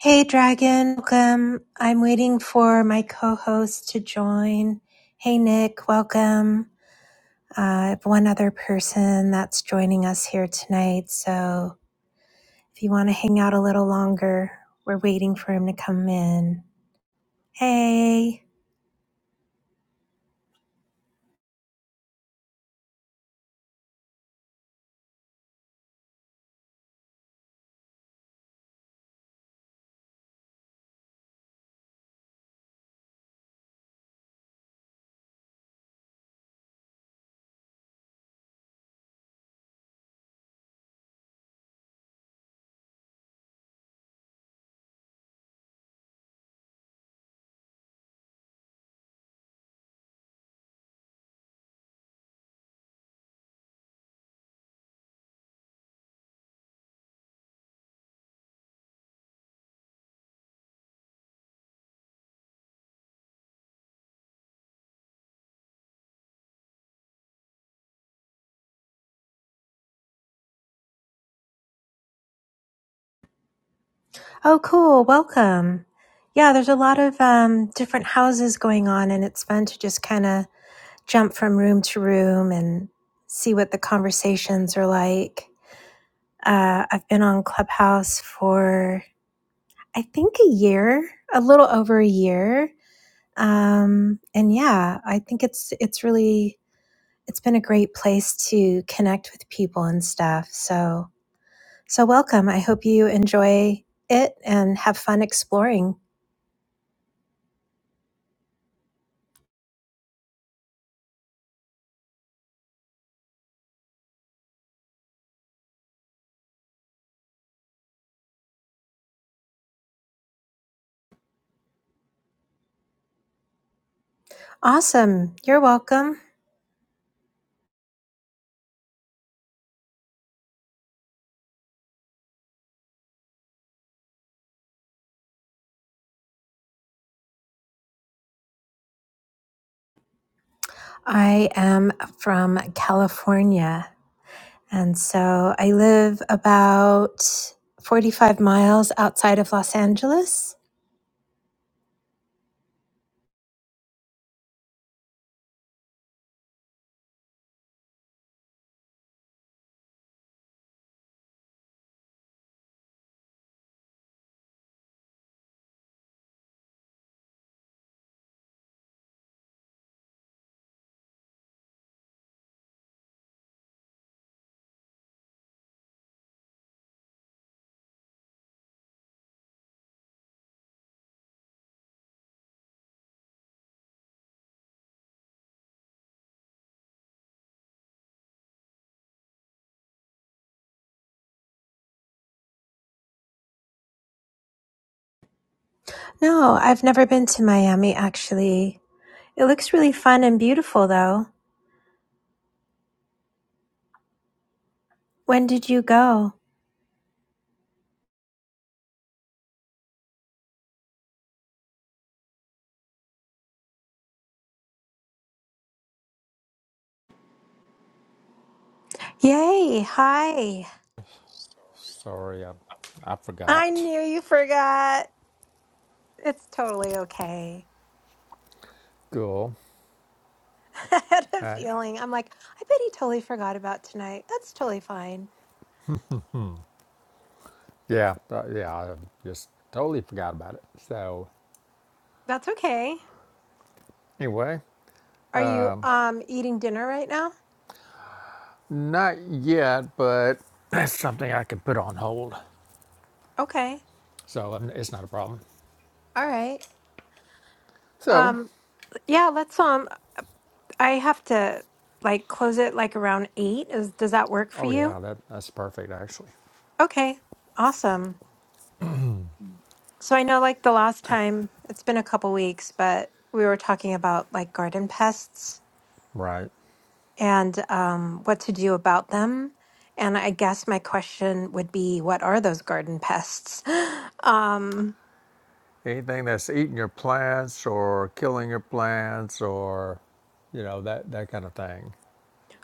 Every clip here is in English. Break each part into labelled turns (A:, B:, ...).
A: Hey Dragon, welcome. I'm waiting for my co-host to join. Hey Nick, welcome. Uh, I have one other person that's joining us here tonight, so if you want to hang out a little longer, we're waiting for him to come in. Hey. Oh, cool. Welcome. Yeah, there's a lot of um, different houses going on, and it's fun to just kind of jump from room to room and see what the conversations are like. Uh, I've been on Clubhouse for, I think, a year, a little over a year. Um, and yeah, I think it's it's really it's been a great place to connect with people and stuff. So so welcome. I hope you enjoy it and have fun exploring. Awesome. You're welcome. I am from California. And so I live about 45 miles outside of Los Angeles No, I've never been to Miami actually. It looks really fun and beautiful though. When did you go? Yay, hi.
B: Sorry, I, I
A: I
B: forgot.
A: knew you forgot. It's totally okay.
B: Cool.
A: I had a
B: Uh,
A: feeling. I'm like, I bet he totally forgot about tonight. That's totally fine.
B: yeah, th- yeah, I just totally forgot about it. So,
A: That's okay.
B: anyway,
A: Are you um eating dinner right now?
B: not yet, but that's something I can put on hold.
A: Okay.
B: So, um, it's not a problem.
A: All right.
B: So,
A: Um yeah, let's um I have to like close it like around 8. Is does that work for
B: oh,
A: you?
B: yeah, that, that's perfect, actually.
A: Okay. Awesome. So I know like the last time it's been a couple weeks, but we were talking about like garden pests
B: Right.
A: and um what to do about them. And I guess my question would be what are those garden pests? um
B: Anything that's eating your plants or killing your plants or, you know, that, that kind of thing.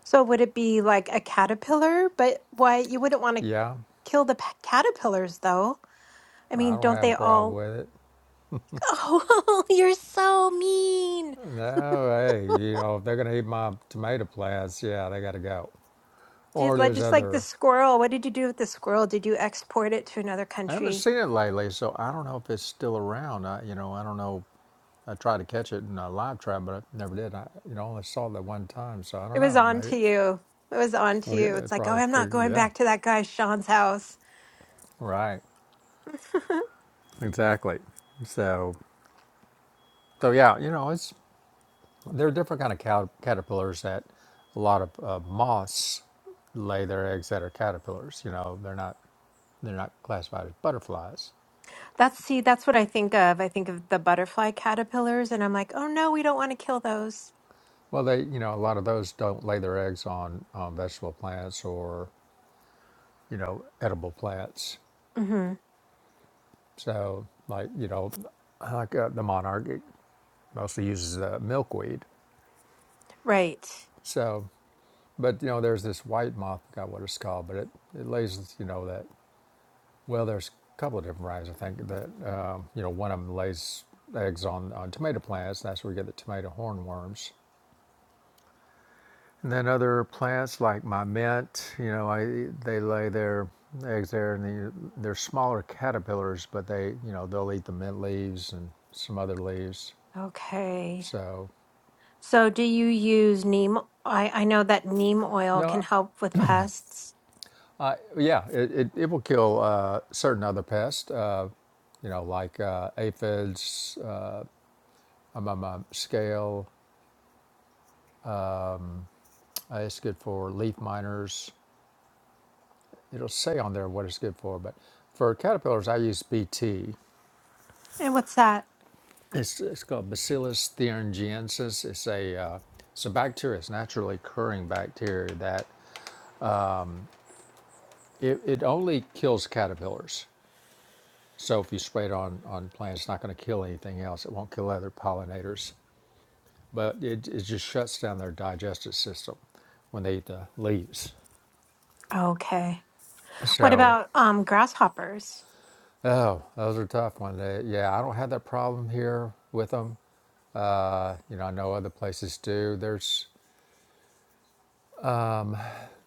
A: So would it be like a caterpillar? But why you wouldn't want to
B: Yeah,
A: kill the pa- caterpillars though? I
B: I
A: mean,
B: don't
A: don't
B: have
A: they
B: a problem
A: all?
B: with it.
A: Oh, you're so mean.
B: No, hey, you know, if they're going to eat my tomato plants, yeah, they got to go.
A: Did,
B: Or
A: like
B: there's
A: just like the
B: other.
A: squirrel. What did you do with the squirrel? Did you export it to another
B: I haven't
A: country?
B: seen it lately, so I don't know if it's still around. I, you know, I don't know. I tried to catch it in a live trap, but I never did. I, you know, only saw it that one time, so I
A: It
B: don't
A: was
B: know.
A: on
B: Maybe.
A: to you. It was on to
B: Well, yeah,
A: you. It's
B: it
A: like, oh,
B: probably
A: I'm not
B: figured.
A: going
B: Yeah,
A: back to that guy Sean's house.
B: right. Exactly. So, so yeah, you know, it's there are different kind of cat- caterpillars that a lot of uh, moths lay their eggs that are caterpillars. You know, they're not They're not classified as butterflies.
A: That's see, that's what I think of. I think of the butterfly caterpillars, and I'm like, oh no, we don't want to kill those.
B: Well, they, you know, a lot of those don't lay their eggs on, on vegetable plants or, you know, edible plants.
A: hmm
B: So, like, you know, like uh, the monarch, it mostly uses uh, milkweed.
A: Right.
B: So, but, you know, there's this white moth, I forgot what it's called, but it, it lays, you know, that, well, there's a couple of different varieties, I think, that, um, you know, one of them lays eggs on, on tomato plants. That's where we get the tomato hornworms. And then other plants like my mint, you know, I they lay their eggs there, and they they're smaller caterpillars, but they, you know, they'll eat the mint leaves and some other leaves.
A: Okay.
B: So,
A: So, do you use neem? I, I know that neem oil
B: no,
A: can help with pests.
B: I, yeah, it, it, it will kill uh, certain other pests, uh, you know, like uh, aphids, uh, among my scale. Uh, it's good for leaf miners. It'll say on there what it's good for, but for caterpillars, I use BT,
A: And what's that?
B: It's, it's called Bacillus thuringiensis. It's a uh, it's a bacteria. It's naturally occurring bacteria that it, it only kills caterpillars. So if you spray it on on plants, it's not going to kill anything else. It won't kill other pollinators, but it, it just shuts down their digestive system when they eat the leaves.
A: Okay. What
B: So
A: about um grasshoppers?
B: oh, those are tough ones. Uh, Yeah, I don't have that problem here with them. Uh, you know, I know other places do. There's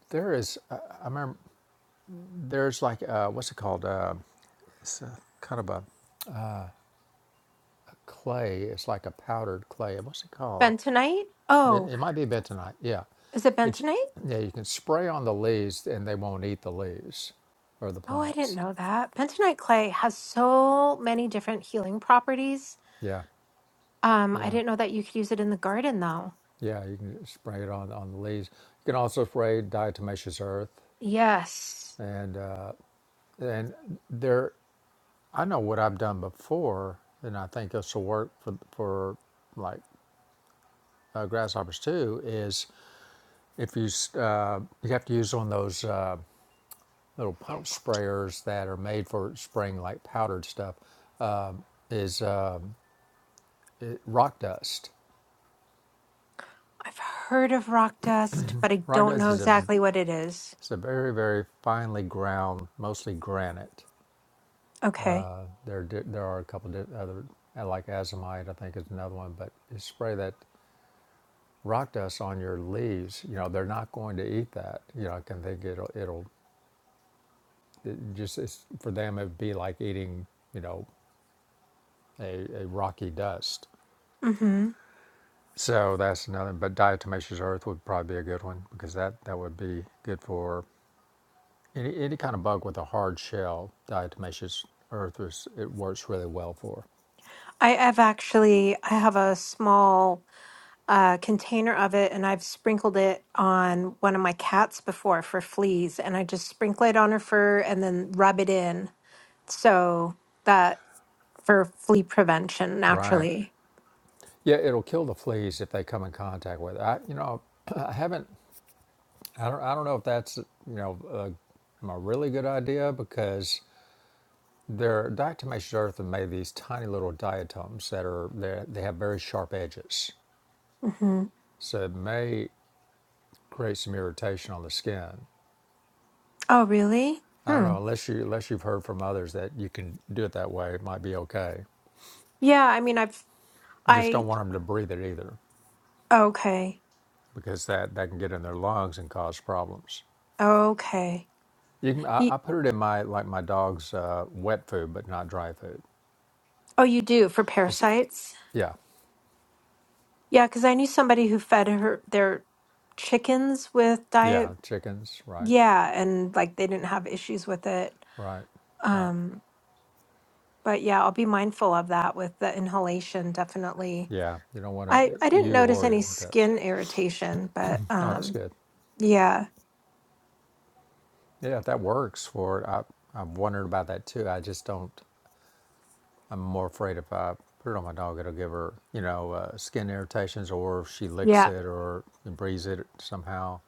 B: there is I, I remember there's like uh, what's it called? Uh, It's a, kind of a a clay. It's like a powdered clay. What's it called?
A: Bentonite? Oh,
B: It might be bentonite. Yeah.
A: is it
B: That
A: bentonite?
B: yeah, you can spray on the leaves and they won't eat the leaves or the
A: Oh, I didn't
B: plants.
A: know that. Bentonite clay has so many different healing properties.
B: Yeah.
A: Um, I
B: Yeah.
A: didn't know that you could use it in the garden though.
B: Yeah. You can spray it on, on the leaves. You can also spray diatomaceous earth.
A: Yes.
B: And, uh, and there, I know what I've done before, and I think this will work for, for like uh, grasshoppers too, is if you, uh, you have to use on those. Uh, little pump sprayers that are made for spraying like powdered stuff is um, it, rock dust.
A: I've heard of rock dust, but I
B: Rock
A: don't
B: dust
A: know
B: is a
A: exactly what it is.
B: it's a very very finely ground, mostly granite.
A: Okay.
B: There di- there are a couple of di- other uh, like azomite, I think is another one, but you spray that rock dust on your leaves. You know they're not going to eat that. You know I can think it'll it'll it just it's, for them it'd be like eating you know a, a rocky dust
A: Mm-hmm.
B: So that's another. But diatomaceous earth would probably be a good one because that that would be good for any any kind of bug with a hard shell. Diatomaceous earth is it works really well for.
A: I have actually I have a small a container of it and I've sprinkled it on one of my cats before for fleas and I just sprinkle it on her fur and then rub it in so that for flea prevention
B: Right.
A: naturally.
B: Yeah, it'll kill the fleas if they come in contact with it. I, you know, I haven't. I don't. I don't know if that's you know a, a really good idea because they're diatomaceous earth have made these tiny little diatoms that are they they have very sharp edges,
A: hmm
B: so it may create some irritation on the skin.
A: Oh, really?
B: I don't
A: Hmm.
B: know unless you unless you've heard from others that you can do it that way, it might be okay.
A: Yeah, I mean I've
B: You just
A: I
B: don't want them to breathe it either,
A: okay.
B: because that that can get in their lungs and cause problems.
A: Okay.
B: You can, I,
A: Y-
B: I put it in my like my dog's uh, wet food, but not dry food.
A: oh, you do for
B: It's,
A: parasites?
B: yeah,
A: Yeah, cuz I knew somebody who fed her their chickens with diet
B: yeah, chickens, right,
A: yeah, and like they didn't have issues with it.
B: right, right.
A: Um, but yeah, I'll be mindful of that with the inhalation, definitely.
B: Yeah, you don't want to
A: I I didn't
B: you
A: notice
B: or
A: any
B: your pets.
A: skin irritation, but
B: No, that's
A: um
B: good.
A: yeah.
B: Yeah, if that works for it, I I've wondered about that too. I just don't. I'm more afraid if I put it on my dog, it'll give her, you know, uh, skin irritations, or if she licks
A: Yeah.
B: it or breathes it somehow,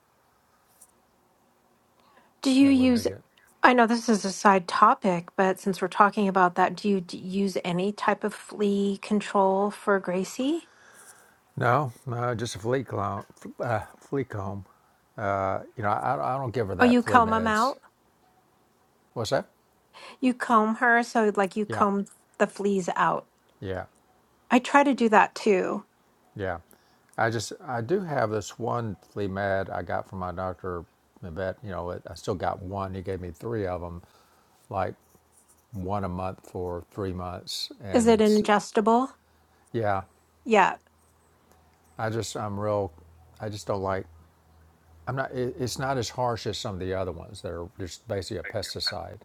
A: Do you
B: that wouldn't be
A: use
B: good.
A: I know this is a side topic, but since we're talking about that, do you d use any type of flea control for Gracie?
B: No, no, just a flea comb. Uh, flea comb. Uh, you know, I, I don't give her
A: Oh,
B: that
A: you
B: flea
A: comb them
B: meds.
A: out?
B: What's that?
A: You comb her, so like you
B: Yeah,
A: comb the fleas out.
B: yeah,
A: I try to do that too.
B: yeah. I just I do have this one flea med I got from my doctor, the vet. You know, it, I still got one. He gave me three of them, like one a month for three months,
A: Is
B: and
A: it an
B: it's
A: adjustable?
B: yeah.
A: Yeah.
B: I just I'm real. I just don't like. I'm not. It, it's not as harsh as some of the other ones that are just basically a pesticide.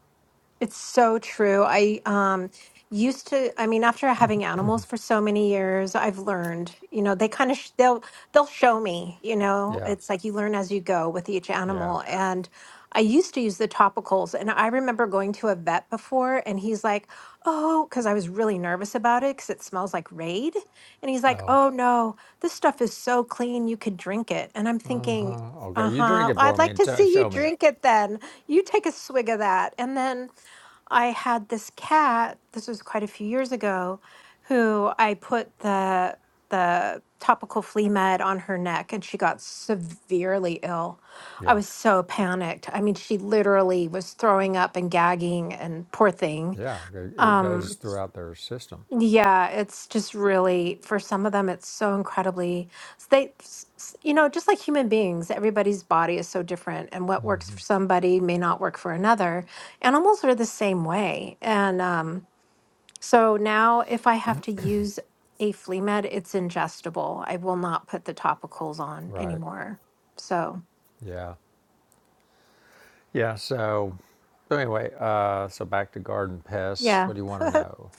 A: It's so true. I um used to I mean after having animals for so many years, I've learned, you know, they kind of sh they'll they'll show me, you know.
B: Yeah,
A: It's like you learn as you go with each
B: yeah.
A: animal and I used to use the topicals and I remember going to a vet before and he's like, "Oh, cuz I was really nervous about it cuz it smells like Raid." And he's like,
B: Oh,
A: "Oh no, this stuff is so clean, you could drink it." And I'm thinking,
B: uh-huh. okay. You drink
A: "Uh-huh.
B: it
A: I'd
B: for me
A: like
B: and
A: to
B: t-
A: see you
B: show me.
A: drink it then. You take a swig of that." And then I had this cat, this was quite a few years ago, who I put the the topical flea med on her neck and she got severely ill. I
B: Yeah,
A: was so panicked. I mean, she literally was throwing up and gagging and poor thing.
B: yeah. It, it goes
A: Um
B: throughout their system.
A: yeah, it's just really for some of them, it's so incredibly s- they, s- s- you know, just like human beings, everybody's body is so different, and what works for somebody may not work for another. Animals are the same way, and um, so now if I have to use a flea med, it's ingestible. I will not put the topicals on
B: Right.
A: anymore. So
B: Yeah. Yeah. So, so anyway, uh, so back to garden pests.
A: yeah.
B: What do you want to know?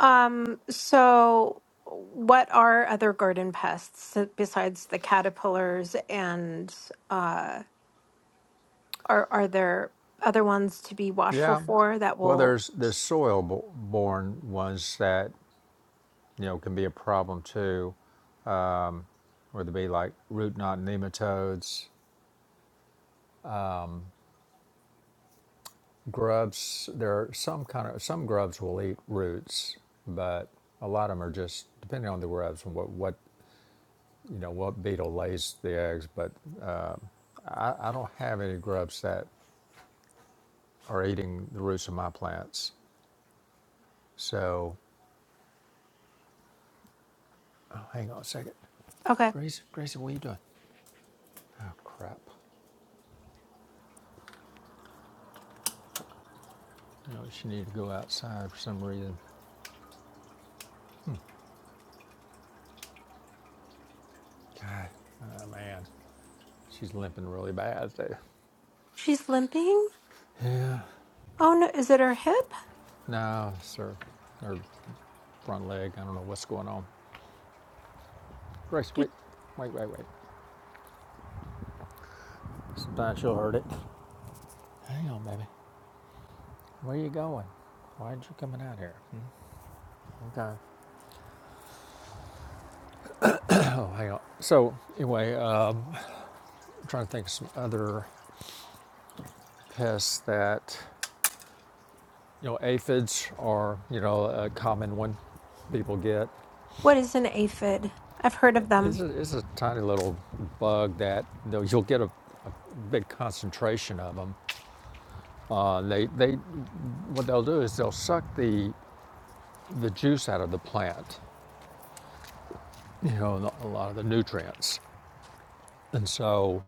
A: Um. So what are other garden pests besides the caterpillars and uh? Are are there other ones to be watchful
B: Yeah.
A: for that
B: Well,
A: will?
B: there's there's soil bo- borne ones that you know can be a problem too. whether it be like root knot nematodes, grubs. There are some kind of some grubs will eat roots, but a lot of them are just depending on the grubs and what what you know what beetle lays the eggs. But I, I don't have any grubs that are eating the roots of my plants. So oh, hang on a second,
A: Okay,
B: Gracie. Gracie, what are you doing? Oh crap! You know she needed to go outside for some reason. God, oh, man, she's limping really bad there.
A: she's limping.
B: Yeah.
A: Oh no, is it her hip?
B: No, sir. Her front leg. I don't know what's going on. Grace,
A: Did,
B: wait. Wait, wait, wait. Sometimes she'll hurt it. Hang on, baby. Where are you going? Why are you coming out here? Hmm? Okay. Oh, hang on. So, anyway, uh, I'm trying to think of some other pests that, you know, aphids are, you know, a common one people get.
A: what is an aphid? I've heard of them.
B: It's a, it's a tiny little bug that, you know, you'll get a, a big concentration of them. Uh, they, they, what they'll do is they'll suck the the juice out of the plant, you know, a lot of the nutrients. And so,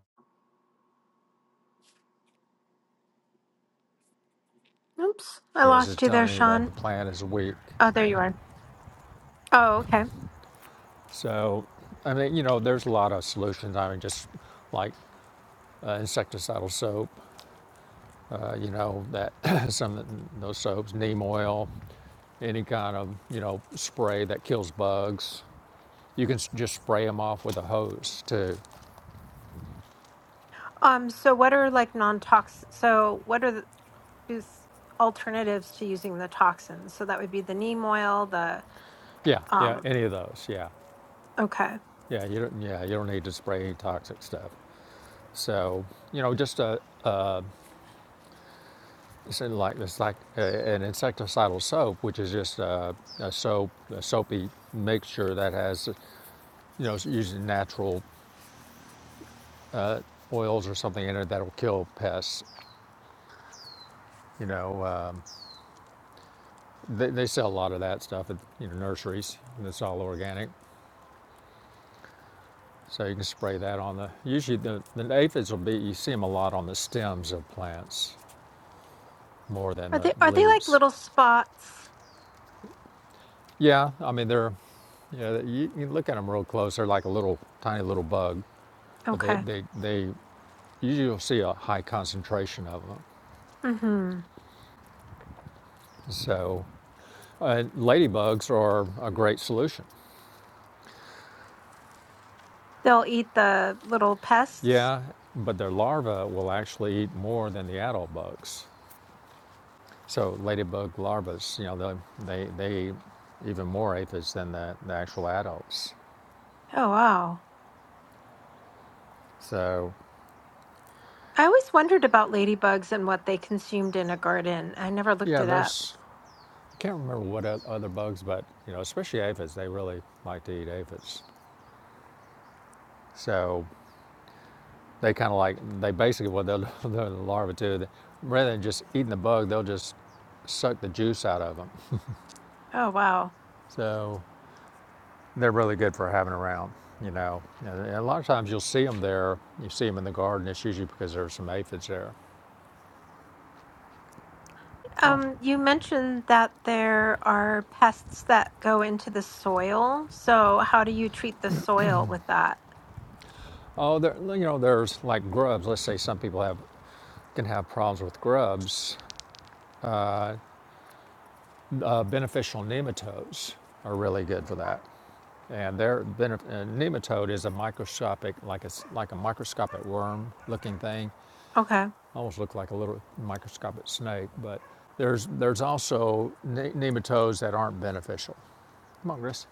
A: Oops, I
B: yes, it's
A: lost you there,
B: telling you that the
A: Sean.
B: plant is weak.
A: Oh, there you are. Oh, okay.
B: So, I mean, you know, there's a lot of solutions. I mean, just like uh, insecticidal soap, uh, you know, that some of those soaps, neem oil, any kind of, you know, spray that kills bugs. You can just spray them off with a hose too.
A: Um, so what are like non-tox? So what are the is alternatives to using the toxins? So that would be the neem oil. The
B: Yeah, yeah,
A: um,
B: any of those. Yeah,
A: okay.
B: yeah, you don't, yeah, you don't need to spray any toxic stuff. So, you know, just a, It's like it's like uh, an insecticidal soap, which is just uh, a soap, a soapy mixture that has, you know, it's usually natural oils or something in it that'll kill pests. You know, um, they, they sell a lot of that stuff at you know nurseries. And it's all organic, so you can spray that on the. Usually, the, the aphids will be. You see them a lot on the stems of plants more than
A: Are
B: the
A: they are they like
B: leaves.
A: little spots?
B: Yeah, I mean they're yeah, you, you look at them real close. They're like a little tiny little bug, but they
A: Okay.
B: they they You'll see a high concentration of them.
A: Mm-hmm.
B: So, uh, ladybugs are a great solution.
A: They'll eat the little pests.
B: Yeah, but their larvae will actually eat more than the adult bugs. So, ladybug larvae, you know, they, they, they even more aphids than the, the actual adults.
A: Oh wow.
B: So,
A: I always wondered about ladybugs and what they consumed in a garden. I never looked
B: yeah,
A: it up.
B: there's, I can't remember what other bugs, but, you know, especially aphids, they really like to eat aphids. So, They kind of like, they basically, what they'll do, the larvae too, they- rather than just eating the bug, they'll just suck the juice out of them.
A: Oh, wow.
B: So they're really good for having around, you know. And a lot of times you'll see them there, you see them in the garden, it's usually because there's some aphids there. Come on.
A: Um, you mentioned that there are pests that go into the soil. So, how do you treat the soil with that?
B: Oh, there, well, you know, there's like grubs. Let's say some people have can have problems with grubs. Uh, uh, beneficial nematodes are really good for that. And their uh, nematode is a microscopic, like a like a microscopic worm-looking thing,
A: Okay.
B: almost look like a little microscopic snake. But there's there's also ne- nematodes that aren't beneficial. Come on, Chris.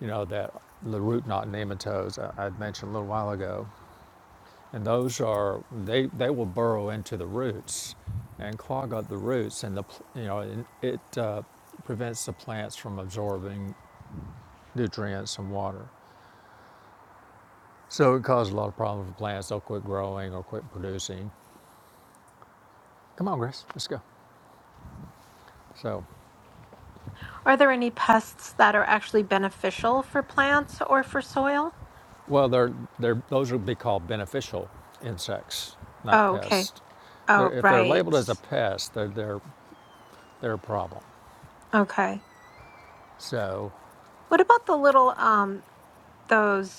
B: You know that the root knot nematodes I, I mentioned a little while ago, and those are they they will burrow into the roots and clog up the roots, and the you know it uh, prevents the plants from absorbing nutrients and water. So it caused a lot of problems for plants. They'll quit growing or quit producing. Come on, Grace, let's go. So,
A: Are there any pests that are actually beneficial for plants or for soil?
B: well, they're, they're, those would be called beneficial insects, not
A: Oh, okay.
B: pests. They're,
A: Oh,
B: if they're
A: right.
B: labeled as a pest, they're, they're, they're a problem.
A: Okay.
B: So,
A: What about the little um those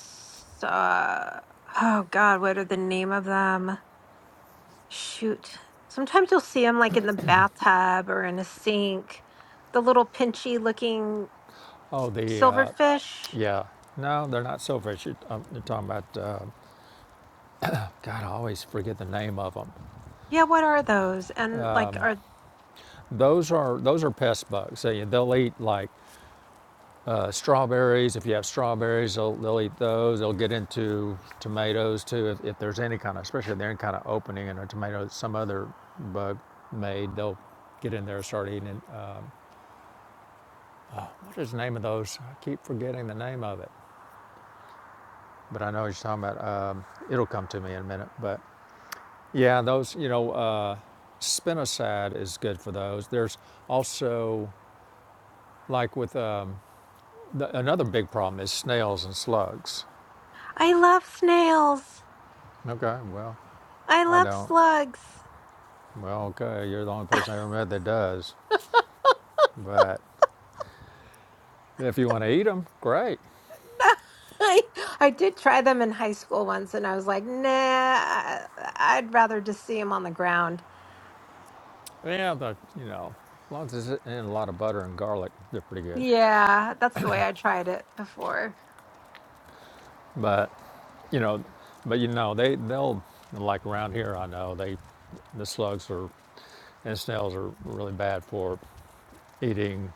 A: uh oh God, what are the name of them? Shoot. Sometimes you'll see them like in the bathtub or in a sink, the little pinchy looking
B: oh, the, uh,
A: silverfish.
B: yeah, no, they're not silverfish. You're, um, you're talking about, uh, God, I always forget the name of them.
A: Yeah, what are those? And like, are
B: Those are, those are pest bugs. So yeah, they'll eat like uh, strawberries. If you have strawberries, they'll, they'll eat those. They'll get into tomatoes too. If, if there's any kind of, especially if they're in kind of opening in a tomato, some other bug made, they'll get in there and start eating it. Um, what is the name of those? I keep forgetting the name of it, but I know what you're talking about. Um, it'll come to me in a minute. But yeah, those, you know, uh, spinosad is good for those. There's also, like with um, the, another big problem is snails and slugs.
A: I love snails.
B: Okay, well,
A: I
B: I
A: love
B: don't.
A: slugs.
B: Well, okay, you're the only person I ever met that does. But if you want to eat them, great.
A: I, I did try them in high school once and I was like, nah, I, I'd rather just see them on the ground.
B: Yeah, the you know, as long as it's in a lot of butter and garlic, they're pretty good.
A: Yeah, that's the way I tried it before.
B: But you know, but you know, they they'll like around here. I know they the slugs are and snails are really bad for eating.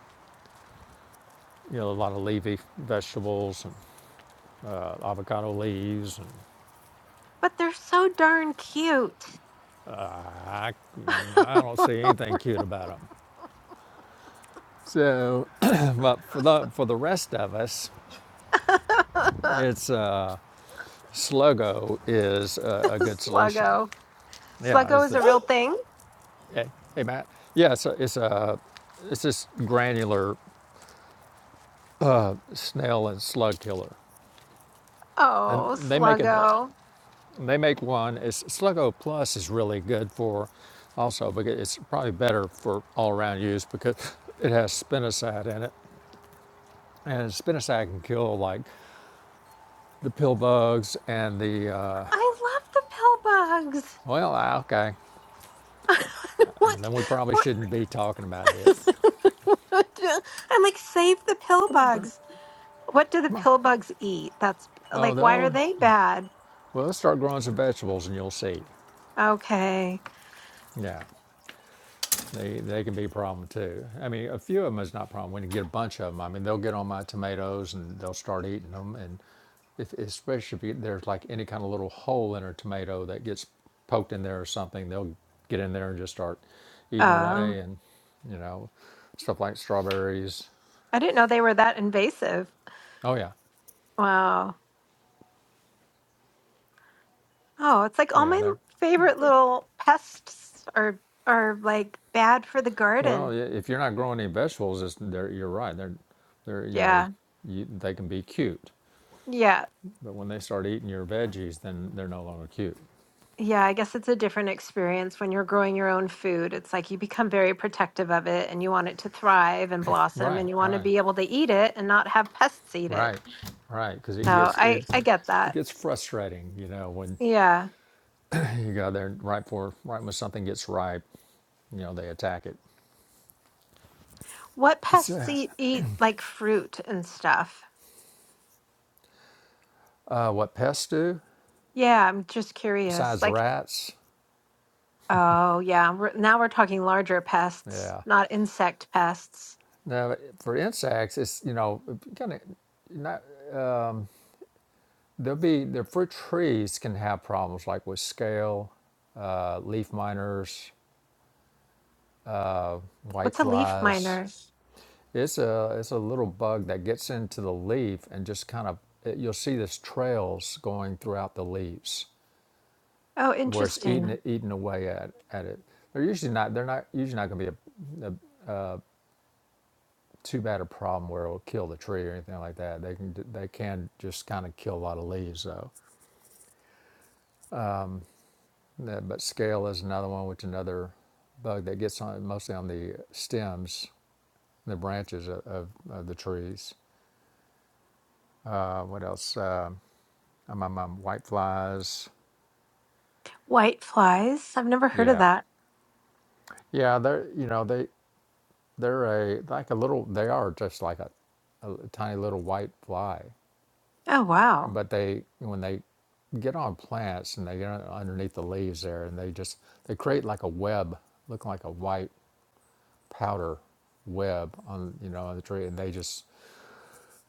B: You know, a lot of leafy vegetables and uh, avocado leaves, and
A: But they're so darn cute.
B: uh, I I don't see anything cute about them. So, but for the for the rest of us. It's uh, Sluggo is a, a good solution.
A: Sluggo.
B: Yeah,
A: Sluggo
B: it's
A: is
B: a,
A: a real thing.
B: hey, hey Matt. Yeah, it's it's a it's this granular snail and slug killer, and
A: Oh,
B: they make an
A: Sluggo.
B: they make one. It's Sluggo Plus is really good for also because it's probably better for all around use because it has spinosad in it, and spinosad can kill like the pill bugs and the uh,
A: I love the pill bugs.
B: well ah, okay.
A: what?
B: Then we probably
A: What?
B: shouldn't be talking about this.
A: What do- I'm like, save the pill
B: Come on, girl.
A: bugs. What do the
B: Come on.
A: pill bugs eat? That's
B: Oh,
A: like, why are
B: they'll
A: they bad?
B: well, let's start growing some vegetables, and you'll see.
A: Okay.
B: Yeah, they they can be a problem too. I mean, a few of them is not a problem. When you get a bunch of them, I mean, they'll get on my tomatoes and they'll start eating them. And if especially if you, there's like any kind of little hole in a tomato that gets poked in there or something, they'll get in there and just start eating
A: Um,
B: away. And you know, stuff like strawberries.
A: I didn't know they were that invasive.
B: Oh yeah,
A: Wow. Oh, it's like all
B: yeah,
A: my
B: they're
A: favorite little pests are are like bad for the
B: Well, i-
A: garden.
B: if you're not growing any vegetables, it's, they're, you're right. They're, they're, you know,
A: Yeah.
B: you, they can be cute,
A: Yeah.
B: but when they start eating your veggies, then they're no longer cute.
A: Yeah, I guess it's a different experience when you're growing your own food. It's like you become very protective of it and you want it to thrive and blossom and
B: Right,
A: you want to
B: right,
A: be able to eat it and not have pests eat it.
B: right, right. Because it
A: So
B: gets
A: I
B: it,
A: I get
B: it
A: that.
B: gets frustrating, you know, when
A: Yeah.
B: you go there and right for right when something gets ripe, you know, they attack it.
A: What pests
B: So,
A: eat eat like fruit and stuff?
B: uh, what pests do
A: Yeah, I'm just curious.
B: besides
A: Like,
B: rats?
A: oh yeah, we're, now we're talking larger pests,
B: Yeah.
A: not insect pests.
B: Now, for insects, it's you know kind of not There'll be the fruit trees can have problems like with scale, uh, leaf miners, white
A: What's a leaf
B: flies.
A: miner?
B: It's a it's a little bug that gets into the leaf and just kind of it, you'll see this trails going throughout the leaves
A: Oh,
B: where it's eating
A: interesting.
B: eating away at, at it. They're usually not they're not usually not going to be a, a too bad a problem where it'll kill the tree or anything like that. They can they can just kind of kill a lot of leaves though. That, but scale is another one, which is another bug that gets on mostly on the stems, the branches of, of, of the trees. Uh, what else? Uh, um, um, um, white flies.
A: White flies. I've never heard of
B: Yeah,
A: that.
B: yeah. They're you know they they're a like a little. They are just like a, a tiny little white fly,
A: Oh, wow.
B: but they when they get on plants and they get on- underneath the leaves there, and they just they create like a web, looking like a white powder web on you know on the tree, and they just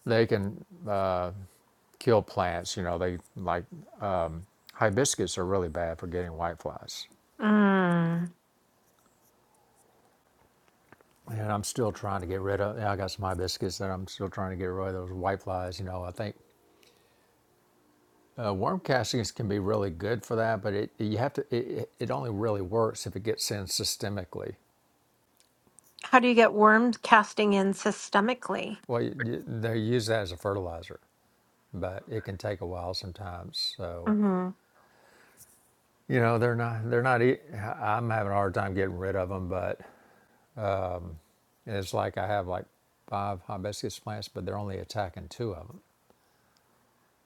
B: They can kill plants. You know, they like hibiscus are really bad for getting whiteflies.
A: Mm.
B: And I'm still trying to get rid of. Yeah, I got some hibiscus that I'm still trying to get rid of those whiteflies. You know, I think uh, worm castings can be really good for that, but it you have to. It, it only really works if it gets in systemically.
A: How do you get worms casting in systemically?
B: Well, you, you- they use that as a fertilizer, but it can take a while sometimes. So
A: Mm-hmm.
B: you know, they're not. They're not. e, i I'm having a hard time getting rid of them, but And it's like I have like five hibiscus plants, but they're only attacking two of them.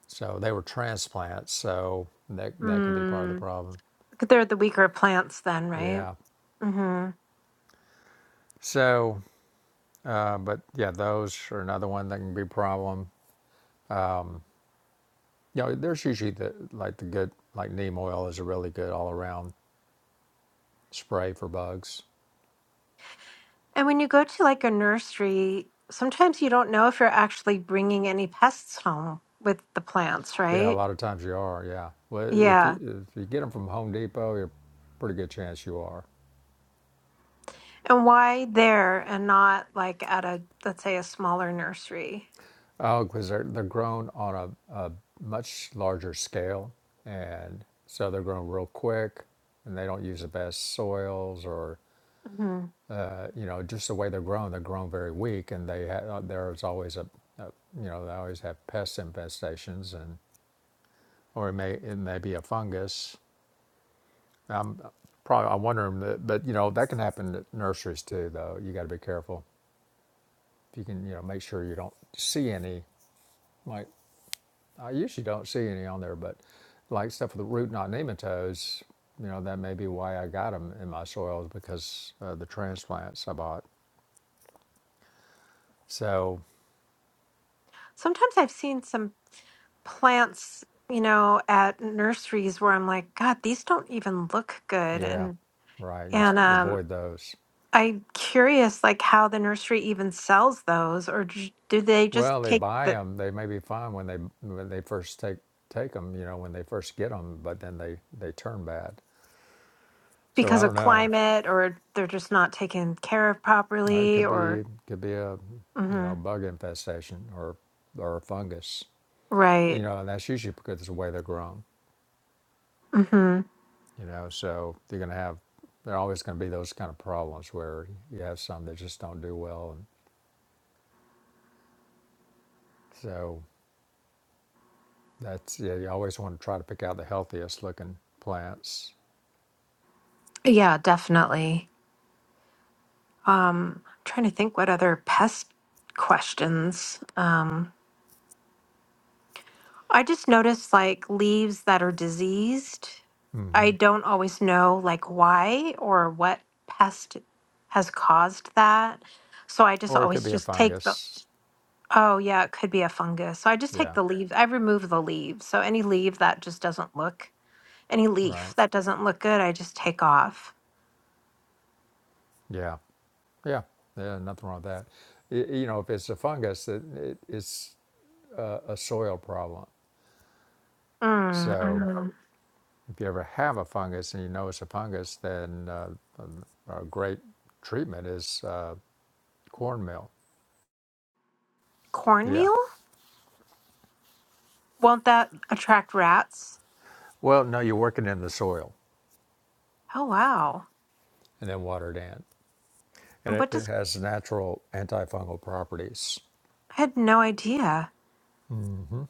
B: So they were transplants, so that that could be part of the
A: Mm.
B: problem.
A: They're the weaker plants then, right?
B: Yeah.
A: Mm-hmm.
B: So, uh, but yeah, those are another one that can be a problem. You know, there's usually the like the good like neem oil is a really good all around spray for bugs.
A: And when you go to like a nursery, sometimes you don't know if you're actually bringing any pests home with the plants,
B: Yeah, a
A: right?
B: lot of times you are. Yeah. Well, if
A: Yeah.
B: you, if you get them from Home Depot, you're pretty good chance you are.
A: And why there and not like at a, let's say, a smaller nursery?
B: Oh, because they're, they're grown on a, a much larger scale. And so they're grown real quick and they don't use the best soils or,
A: hmm
B: uh, you know, just the way they're grown, they're grown very weak. And they ha- uh, there's always a, a, you know, they always have pest infestations and, or it may, it may be a fungus. I'm probably, I'm wondering that, but, you know, that can happen at nurseries too, though. You got to be careful. If you can, you know, make sure you don't see any, like I usually don't see any on there, but like stuff with the root knot nematodes, you know, that may be why I got them in my soils because uh, the transplants I bought. So,
A: Sometimes I've seen some plants, you know, at nurseries where I'm like, God, these don't even look good.
B: yeah,
A: And,
B: right. You
A: and, um,
B: avoid those.
A: I'm curious, like how the nursery even sells those, or j- do they just
B: Well, they
A: take
B: buy
A: the
B: them. They may be fine when they when they first take take them. You know, when they first get them, but then they they turn bad. So
A: because
B: I don't
A: of
B: know.
A: climate, or they're just not taken care of
B: Uh, It
A: properly,
B: could
A: or
B: be could be a you
A: hmm
B: know bug infestation or or a fungus. You
A: right?
B: know, and that's usually because of the way they're grown.
A: hmm
B: You know, so you're going to have, there are always going to be those kind of problems where you have some that just don't do well. And so that's, yeah, you always want to try to pick out the healthiest looking plants.
A: Yeah, definitely. Um, trying to think what other pest questions. Um, I just noticed like leaves that are diseased. I
B: hmm
A: don't always know like why or what pest has caused that. So I just
B: Or it could
A: always
B: be a
A: just take the
B: fungus.
A: Oh, yeah, it could be a fungus. So I just take
B: Yeah,
A: the leaves. I remove the leaves. So any leaf that just doesn't look, any leaf
B: right.
A: that doesn't look good, I just take off.
B: Yeah, yeah, yeah, nothing wrong with that. Y- you know, if it's a fungus, it, it, it's a, a soil problem.
A: Mm,
B: So
A: mm.
B: if you ever have a fungus and you know it's a fungus, then uh, a a great treatment is uh, cornmeal. Yeah,
A: Cornmeal? Won't that attract rats?
B: Well, no, you're working in the soil
A: Oh, wow.
B: and then watered in. And
A: And
B: it,
A: What
B: it
A: does,
B: has natural antifungal properties.
A: I had no idea.
B: Mm-hmm.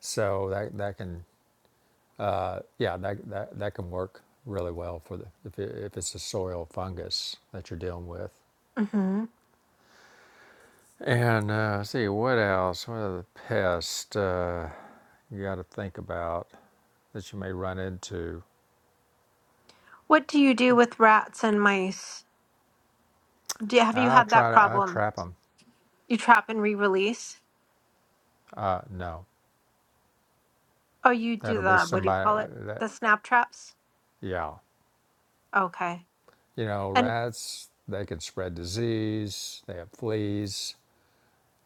B: So that, that can, uh, yeah, that, that, that can work really well for the, if, it, if it's a soil fungus that you're dealing with.
A: hmm
B: And uh, let's see, what else? What other pest uh, you got to think about that you may run into?
A: What do you do with rats and mice? Do, have you
B: I
A: had that
B: try to, I
A: problem?
B: trap them.
A: You trap and re-release?
B: Uh, no,
A: Oh, you do
B: that'll be
A: the, what do you
B: somebody
A: call it?
B: that,
A: The snap traps?
B: yeah.
A: Okay.
B: You know,
A: and.
B: rats, they can spread disease, they have fleas,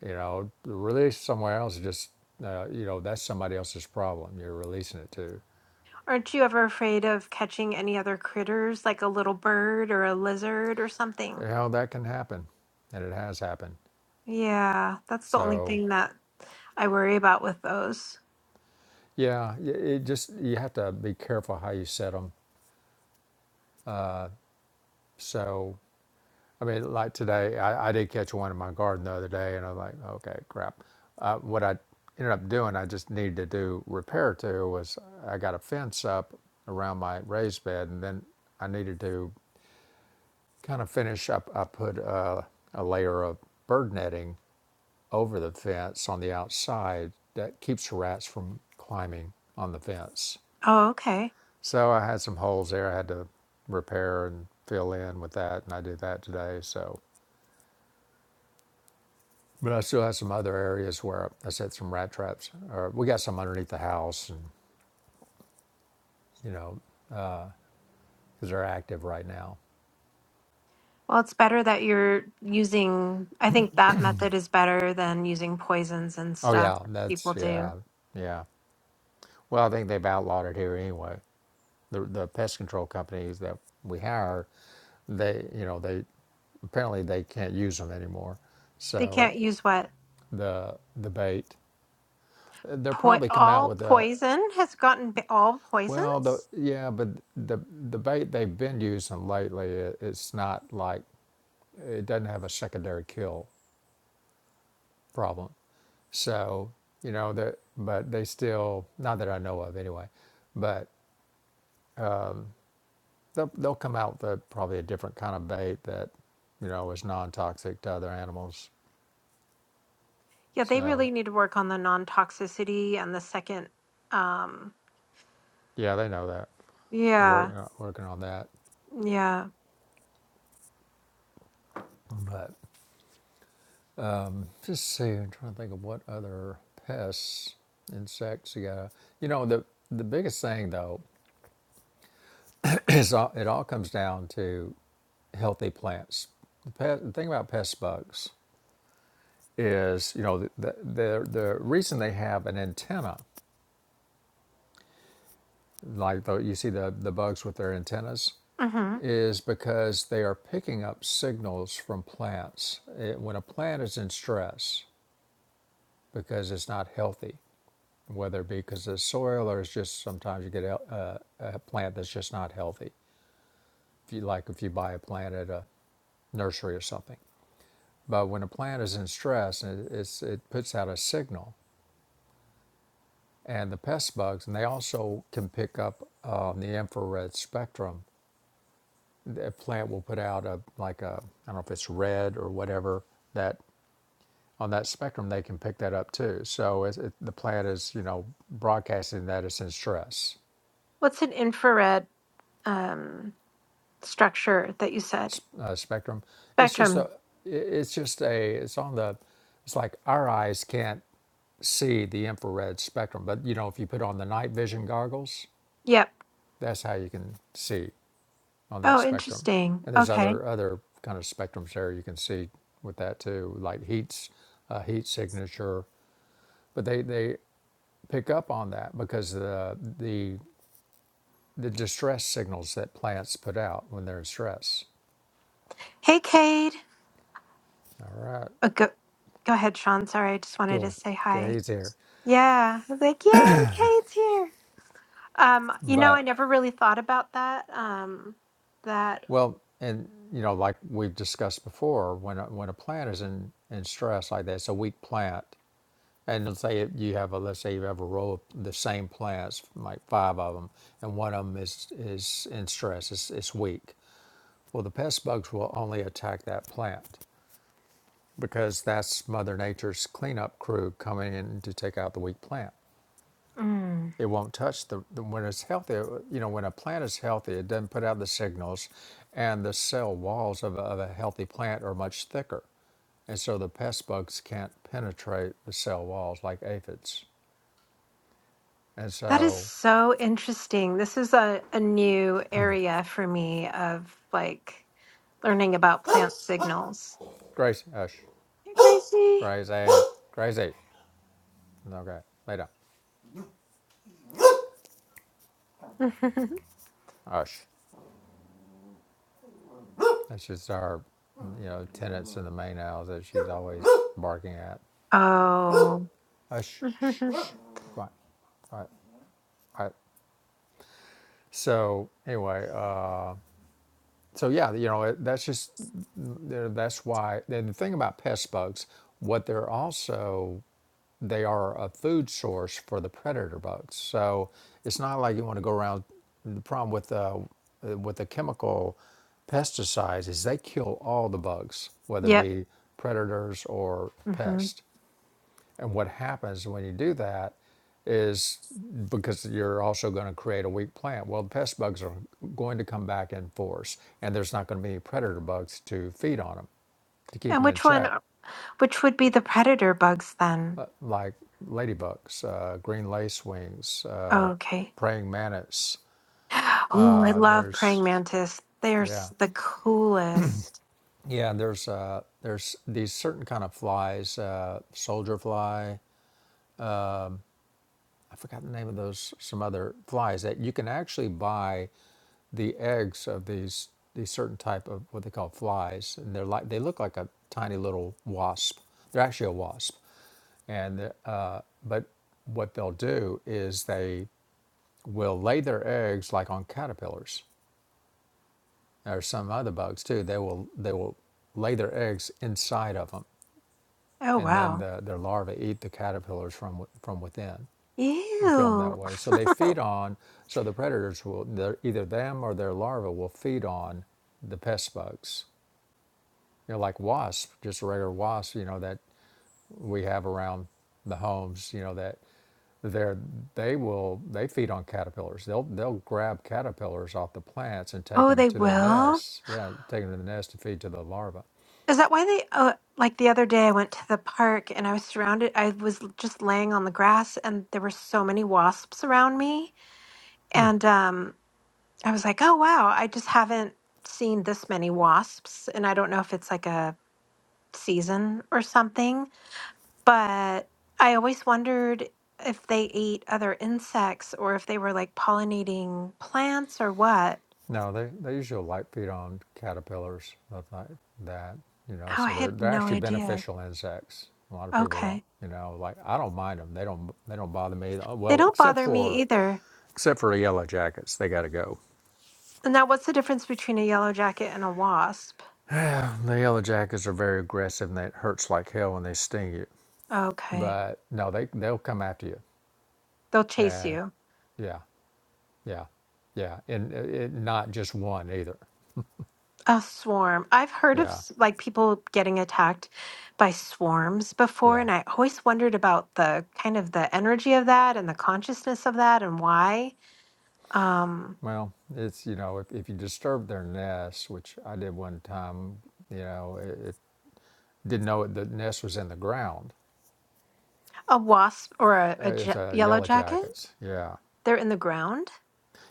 B: you know, release somewhere else, just, uh, you know, that's somebody else's problem you're releasing it to.
A: Aren't you ever afraid of catching any other critters, like a little bird or a lizard or something?
B: You know, that can happen, and it has happened.
A: Yeah, that's the only
B: So,
A: thing that I worry about with those.
B: yeah, y- it just, you have to be careful how you set them. So, I mean, like today, I, I did catch one in my garden the other day, and I was like, okay, crap. Uh, what I ended up doing, I just needed to do repair to was I got a fence up around my raised bed, and then I needed to kind of finish up. I put uh, a layer of bird netting over the fence on the outside that keeps rats from climbing on the fence.
A: Oh, okay.
B: So I had some holes there I had to repair and fill in with that, and I did that today. So But I still have some other areas where I set some rat traps, or we got some underneath the house, and you know, because they're active right now.
A: Well, it's better that you're using, I think that method is better than using poisons and
B: Oh
A: stuff
B: yeah,
A: that people
B: that's
A: do.
B: yeah, yeah. Well, I think they've outlawed it here anyway. The the pest control companies that we hire, they you know they apparently they can't use them anymore.
A: They
B: So
A: can't use what?
B: the the bait, they'll
A: Po-
B: probably come out
A: all
B: with a
A: poison has gotten b- all
B: well the
A: poisons?
B: yeah, but the the bait they've been using lately, it, it's not like it doesn't have a secondary kill problem. So, you know, that, but they still, not that I know of anyway, but they'll, they'll come out with a, probably a different kind of bait that, you know, is non toxic to other animals.
A: Yeah, they
B: So,
A: really need to work on the non-toxicity and the second, um,
B: yeah, they know that. They're working,
A: yeah,
B: on- working on that.
A: yeah.
B: But just see, I'm trying to think of what other pests, insects you got. You know, the, the biggest thing though it's all, it all comes down to healthy plants. The, pet, the thing about pest bugs is, you know, the, the, the, the reason they have an antenna, like the, you see the, the bugs with their antennas,
A: hmm
B: is because they are picking up signals from plants. It- when a plant is in stress because it's not healthy, whether it be because of the soil or it's just sometimes you get a, a, a plant that's just not healthy. If you like, if you buy a plant at a nursery or something But when a plant is in stress, it, it's, it puts out a signal. And the pest bugs, and they also can pick up um, the infrared spectrum. The plant will put out a like a I don't know if it's red or whatever that on that spectrum they can pick that up too. So it's, it, the plant is you know broadcasting that it's in stress
A: What's an infrared um, structure that you said?
B: uh, spectrum. It's just
A: Spectrum.
B: a it- it's just a it's on the it's like our eyes can't see the infrared spectrum. But you know, if you put on the night vision goggles,
A: Yep.
B: That's how you can see on that
A: Oh,
B: spectrum.
A: interesting.
B: And there's
A: Okay.
B: other other kind of spectrums there you can see with that too, like heat's uh, heat signature. But they they pick up on that because the the the distress signals that plants put out when they're in stress.
A: Hey, Cade.
B: All right,
A: Oh, go, go ahead, Sean. Sorry, I just wanted to
B: cool.
A: say
B: Okay,
A: hi.
B: he's here.
A: Yeah. I was like, yay, Cade's here. Um, you know, I
B: But
A: never really thought about that. Um, that
B: well, and you know, like we've discussed before, when a, when a plant is in in stress like that, it's a weak plant And let's say you have a let's say you have a row of the same plants, like five of them, and one of them is is in stress, it's, it's weak. Well, the pest bugs will only attack that plant because that's Mother Nature's cleanup crew coming in to take out the weak plant.
A: mm,
B: It won't touch the, the when it's healthy. You know, when a plant is healthy, it doesn't put out the signals, and the cell walls of a, of a healthy plant are much thicker. And so the pest bugs can't penetrate the cell walls like aphids. And
A: that is
B: so
A: so interesting. This is a, a new area for me of like learning about plant signals.
B: Grace, hush.
A: Hey, Gracie.
B: Grace, Gracie. Okay, later. Hush. That's just our, you know, tenants in the main house that she's always barking at.
A: Oh.
B: Hush. Shh. shh, Quiet. All right. All right. So anyway, uh, so yeah, you know it- that's just that's why. And the thing about pest bugs, what they're also they are a food source for the predator bugs. So it's not like you want to go around. The problem with uh, uh, with the chemical pesticides is they kill all the bugs, whether it
A: Yep.
B: be predators or
A: hmm
B: pests. And what happens when you do that is because you're also going to create a weak plant. Well, the pest bugs are going to come back in force, and there's not going to be any predator bugs to feed on them to keep
A: And
B: them in
A: which one,
B: check,
A: uh, which would be the predator bugs then?
B: like ladybugs, uh, green lacewings, uh,
A: Oh, okay.
B: praying mantis.
A: Oh, I
B: Uh,
A: love praying
B: there's
A: mantis. They're
B: yeah,
A: s- the coolest.
B: yeah. There's uh, there's these certain kind of flies, uh, soldier fly, I forgot the name of those some other flies that you can actually buy the eggs of these these certain type of what they call flies, and they're like they look like a tiny little wasp. They're actually a wasp, and uh, but what they'll do is they will lay their eggs like on caterpillars or some other bugs too. They will they will lay their eggs inside of them,
A: Oh,
B: and then
A: wow.
B: the, their larvae eat the caterpillars from from within. and kill them that
A: Ew.
B: way. So they feed on, so the predators will, either them or their larvae will feed on the pest bugs. You know, like wasp, just a regular wasp, you know, that we have around the homes, you know, that they're, they will, they feed on caterpillars. They'll, they'll grab caterpillars off the plants and take
A: Oh,
B: them
A: they
B: to their
A: will?
B: nests. Yeah, take them to the nest to feed to the larva.
A: Is that why they, uh, like the other day, I went to the park and I was surrounded, I was just laying on the grass and there were so many wasps around me.
B: Hmm.
A: And um, I was like, oh, wow, I just haven't seen this many wasps. And I don't know if it's like a, season or something. But I always wondered if they ate other insects or if they were like pollinating plants or what.
B: No, they, they usually light feed on caterpillars, stuff like that, you know,
A: Oh, I
B: so they're,
A: had
B: they're
A: no
B: actually
A: idea.
B: beneficial insects. A lot of people don't,
A: Okay.
B: you know, like, I don't mind them. They don't, they don't bother me. Oh,
A: They
B: Well,
A: don't
B: except
A: bother me
B: for,
A: either.
B: except for the yellow jackets, they got to go.
A: And Now, what's the difference between a yellow jacket and a wasp?
B: The yellow jackets are very aggressive and it hurts like hell when they sting you.
A: Okay.
B: But no, they, they'll come after you.
A: They'll chase
B: And
A: you.
B: yeah, yeah, yeah. And it, it, not just one either.
A: A swarm. I've heard of
B: Yeah,
A: s- like people getting attacked by swarms before,
B: yeah.
A: and I always wondered about the kind of the energy of that and the consciousness of that and why. Um,
B: Well, it's you know, if, if you disturb their nest, which I did one time, you know, it, it didn't know the nest was in the ground.
A: A wasp or a, a
B: Uh, it
A: ja-
B: was uh,
A: yellow
B: yellow
A: jacket?
B: jackets. Yeah,
A: They're in the ground?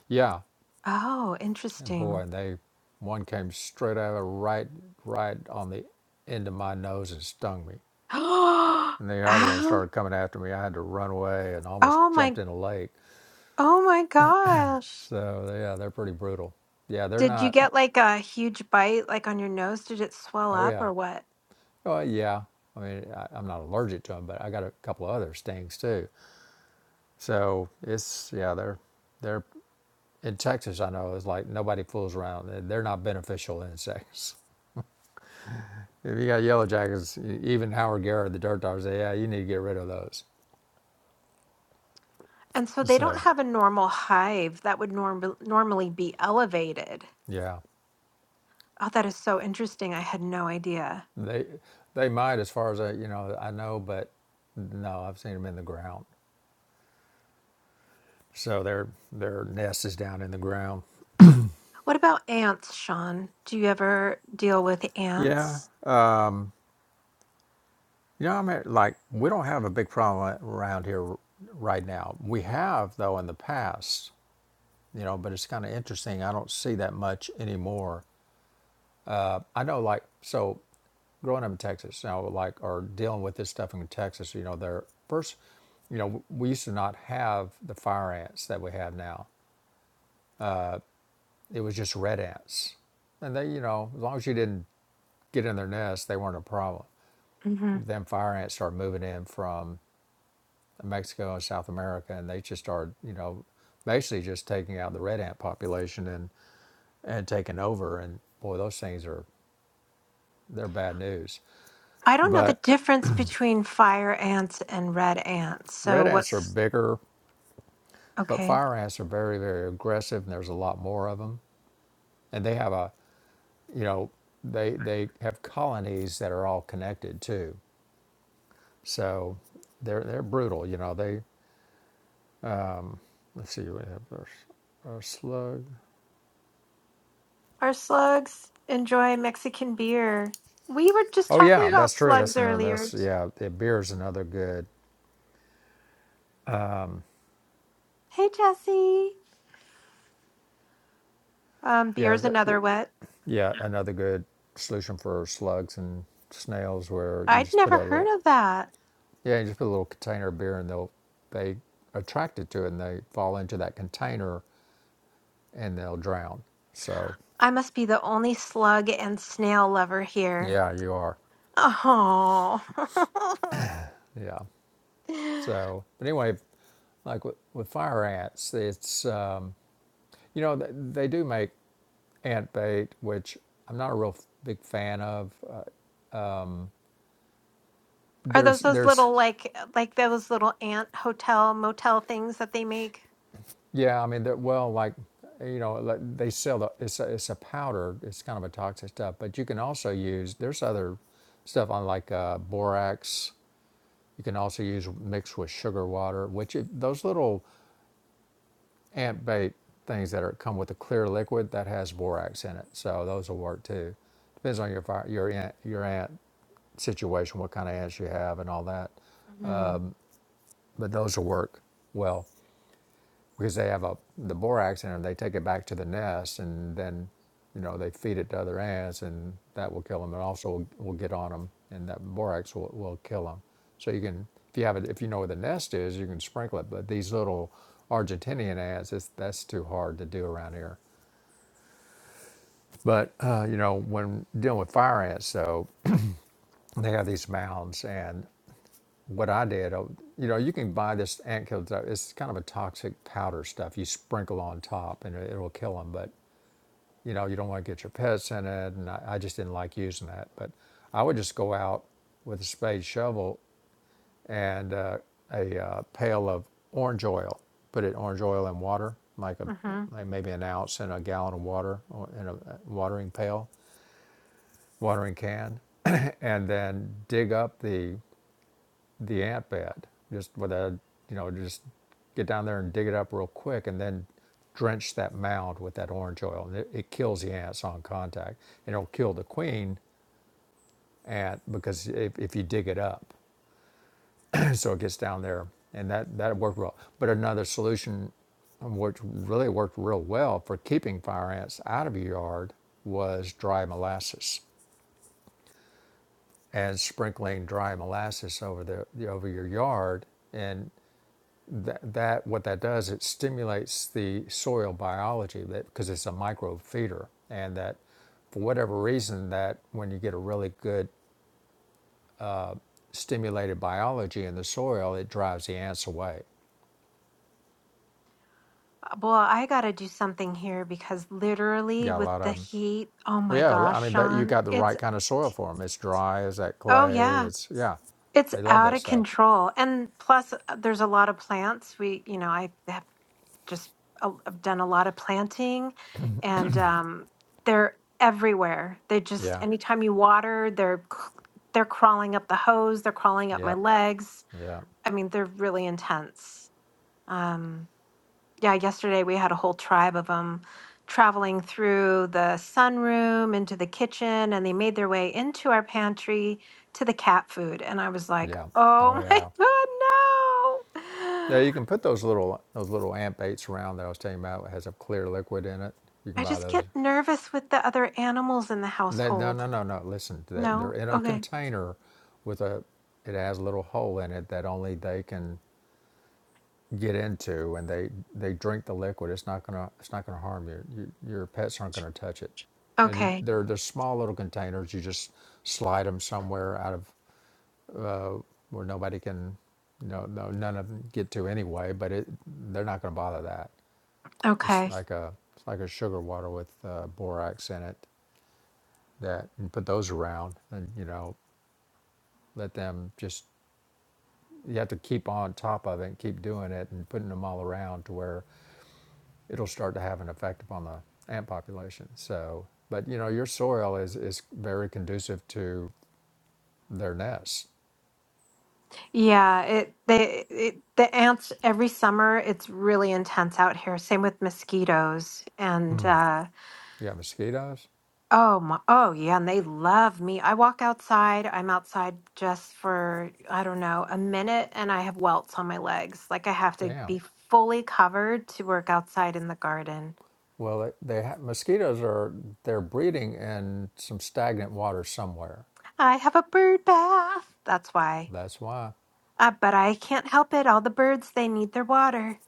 B: yeah,
A: Oh,
B: and boy,
A: interesting.
B: and they one came straight out of right, right on the end of my nose and stung me. And the other one
A: Oh,
B: started coming after me. I had to run away and almost
A: oh my,
B: jumped in a lake.
A: oh my gosh.
B: So yeah, they're pretty brutal. Yeah, they're
A: Did you
B: not.
A: get like a huge bite like on your nose? Did it swell
B: Oh
A: up
B: yeah,
A: or what?
B: oh yeah. I mean, I, I'm not allergic to them, but I got a couple of other stings too. So it's yeah, they're they're in Texas. I know it's like nobody fools around. They- are not beneficial insects. If you got yellow jackets, e- even Howard Garrett, the dirt dog, say, yeah, you need to get rid of those.
A: And so they don't
B: So
A: have a normal hive that would norm- normally be elevated.
B: yeah,
A: Oh, that is so interesting. I had no idea.
B: they they might as far as I, you know I know, but no, I've seen them in the ground. So their their nest is down in the ground.
A: What about ants, Sean? Do you ever deal with
B: Yeah,
A: ants?
B: you know, I mean, like we don't have a big problem around here right now. We have though in the past you know, but it's kind of interesting. I don't see that much anymore. I know, like, so growing up in Texas, you know, like, or dealing with this stuff in Texas, you know, there first, you know, we used to not have the fire ants that we have now. It was just red ants. And they, you know, as long as you didn't get in their nest, they weren't a problem.
A: Mm-hmm.
B: Then fire ants started moving in from Mexico and South America, and they just started, you know, basically just taking out the red ant population and and taking over. And boy, those things are They're bad news.
A: I don't know the
B: But
A: difference between fire ants and red ants. So
B: red ants are
A: what's
B: bigger, but
A: okay?
B: fire ants are very, very aggressive, and there's a lot more of them. And they have a, you know, they they have colonies that are all connected too. So they're they're brutal. You know, they let's see, we have our, our slug.
A: Our slugs enjoy Mexican beer. We were just
B: Oh
A: talking
B: yeah, that's
A: about
B: true.
A: slugs
B: That's another.
A: earlier.
B: That's yeah. The beer is another good.
A: Hey, Jesse. Um,
B: Yeah,
A: beer's
B: th-
A: another wet.
B: yeah. Another good solution for slugs and snails, where you
A: I'd
B: just put
A: never
B: a little
A: heard of that.
B: Yeah, you just put a little container of beer and they'll they attracted to it and they fall into that container and they'll drown. So
A: I must be the only slug and snail lover here.
B: yeah, you are.
A: Oh.
B: Yeah. So but anyway, like with, with fire ants, it's um, you know they, they do make ant bait, which I'm not a real f- big fan of. Uh,
A: Are
B: there's
A: those those
B: there's
A: little like like those little ant hotel motel things that they make?
B: Yeah, I mean, that well, like you know, like they sell the it's a, it's a powder. It's kind of a toxic stuff, but you can also use there's other stuff on like uh, borax. You can also use mixed with sugar water, which it, those little ant bait things that are come with a clear liquid that has borax in it. So those will work too. Depends on your fire, your ant your ant situation, what kind of ants you have, and all that.
A: Mm-hmm.
B: But those will work well. because they have a the borax in them. They take it back to the nest, and then you know they feed it to other ants, and that will kill them. And also will, will get on them, and that borax will, will kill them. So you can if you have it if you know where the nest is, you can sprinkle it. But these little Argentinian ants, it's, that's too hard to do around here. But uh, you know when dealing with fire ants, so they have these mounds and what I did, uh, you know, you can buy this ant killer. It's kind of a toxic powder stuff you sprinkle on top, and it, it'll kill them. But you know, you don't want to get your pets in it. And I, I just didn't like using that. But I would just go out with a spade shovel and uh, a uh, pail of orange oil, put it orange oil and water, like a like maybe an ounce and a gallon of water in a uh, watering pail, watering can, and then dig up the the ant bed, just with a, you know, just get down there and dig it up real quick and then drench that mound with that orange oil. And it, it kills the ants on contact. And it'll kill the queen ant because if, if you dig it up, so it gets down there and that, that worked well. But another solution which really worked real well for keeping fire ants out of your yard was dry molasses and sprinkling dry molasses over the over your yard and that, that what that does it stimulates the soil biology that because it's a micro feeder and that for whatever reason that when you get a really good stimulated biology in the soil it drives the ants away
A: Well, I got to do something here because
B: you
A: literally
B: got a
A: with
B: lot
A: the
B: of 'em.
A: heat, oh my
B: well yeah
A: gosh,
B: i mean that you
A: Sean,
B: got the
A: it's,
B: right kind of soil for them it's dry It's that
A: oh
B: clay
A: yeah,
B: it's yeah
A: it's
B: they love
A: out
B: that
A: of
B: stuff
A: control. And plus, uh, there's a lot of plants. We, you know, I have just uh, I've done a lot of planting and um, they're everywhere. They just,
B: yeah
A: anytime you water, they're, c- they're crawling up the hose, they're crawling up my
B: yep
A: legs.
B: yep
A: I mean, they're really intense. Um, yeah, yesterday we had a whole tribe of them traveling through the sunroom into the kitchen and they made their way into our pantry to the cat food. And I was like,
B: yeah
A: oh
B: oh
A: my
B: yeah
A: God,
B: yeah,
A: no.
B: you can put those little those little ant baits around that I was telling you about. It has a clear liquid in it. You can
A: I
B: buy
A: just
B: those.
A: get nervous with the other animals in the
B: That no
A: household.
B: no no no. Listen, they're, they're
A: No?
B: in a
A: Okay.
B: container with a. It has a little hole in it that only they can get into, and they they drink the liquid. It's not gonna it's not gonna harm you. you your pets aren't gonna touch it. And you,
A: Okay.
B: they're they're small little containers. You just slide them somewhere out of uh, where nobody can, no no none of them get to anyway. But it they're not gonna bother that. It's
A: Okay.
B: like a it's like a sugar water with uh, borax in it that you put those around and you know let them just you have to keep on top of it keep doing it and putting them all around to where it'll start to have an effect upon the ant population so but you know your soil is is very conducive to their nests
A: Yeah, it they it, the ants every summer it's really intense out here. Same with mosquitoes and uh
B: you have mosquitoes
A: Oh my, oh yeah, and they love me. I walk outside. I'm outside just for, I don't know, a minute and I have welts on my legs. Like I have to
B: damn
A: be fully covered to work outside in the garden.
B: well they, they ha- mosquitoes are they're breeding in some stagnant water somewhere
A: I have a bird bath. That's why.
B: that's why
A: Uh, but I can't help it. All the birds, they need their water.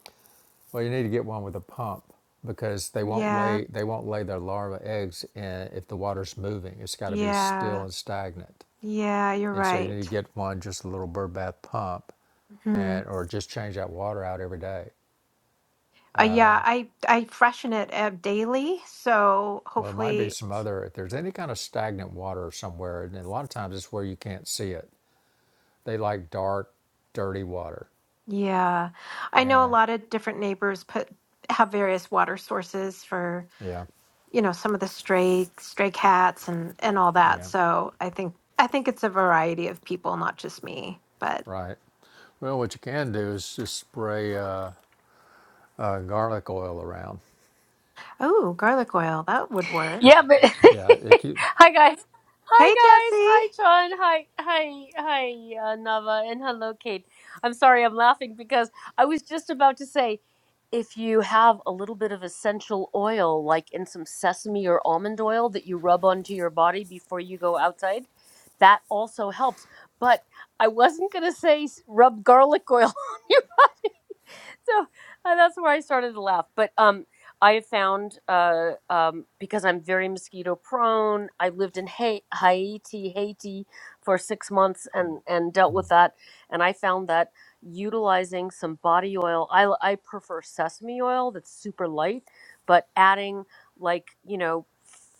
B: well you need to get one with a pump because they won't
A: Yeah.
B: lay they won't lay their larva eggs in if the water's moving it's got to be still
A: Yeah.
B: and stagnant
A: Yeah, you're
B: And so you need to
A: right.
B: get one, just a little bird bath pump,
A: Mhm.
B: and or just change that water out every day.
A: Uh, yeah, I I freshen it uh, daily, so
B: Well, it might be
A: hopefully
B: some other. If there's any kind of stagnant water somewhere, and a lot of times it's where you can't see it. They like dark, dirty water.
A: Yeah. I know a
B: And
A: lot of different neighbors put have various water sources for,
B: yeah,
A: you know, some of the stray stray cats and and all that.
B: yeah,
A: So I think I think it's a variety of people, not just me. But
B: right. Well, what you can do is just spray uh, uh, garlic oil around.
A: oh, garlic oil, that would work.
C: Yeah, but
B: Yeah, it keep,
C: hi guys. Hi
A: Hey,
C: guys.
A: Jesse.
C: Hi John. Hi hi hi uh, Nava and hello Kate. I'm sorry I'm laughing because I was just about to say if you have a little bit of essential oil like in some sesame or almond oil that you rub onto your body before you go outside, that also helps. But I wasn't going to say s- rub garlic oil on your so uh, that's where I started to laugh. But um, I have found uh, um, because I'm very mosquito prone. I lived in ha- Haiti, Haiti, for six months and and dealt with that. And I found that utilizing some body oil. I l- I prefer sesame oil that's super light, but adding like you know.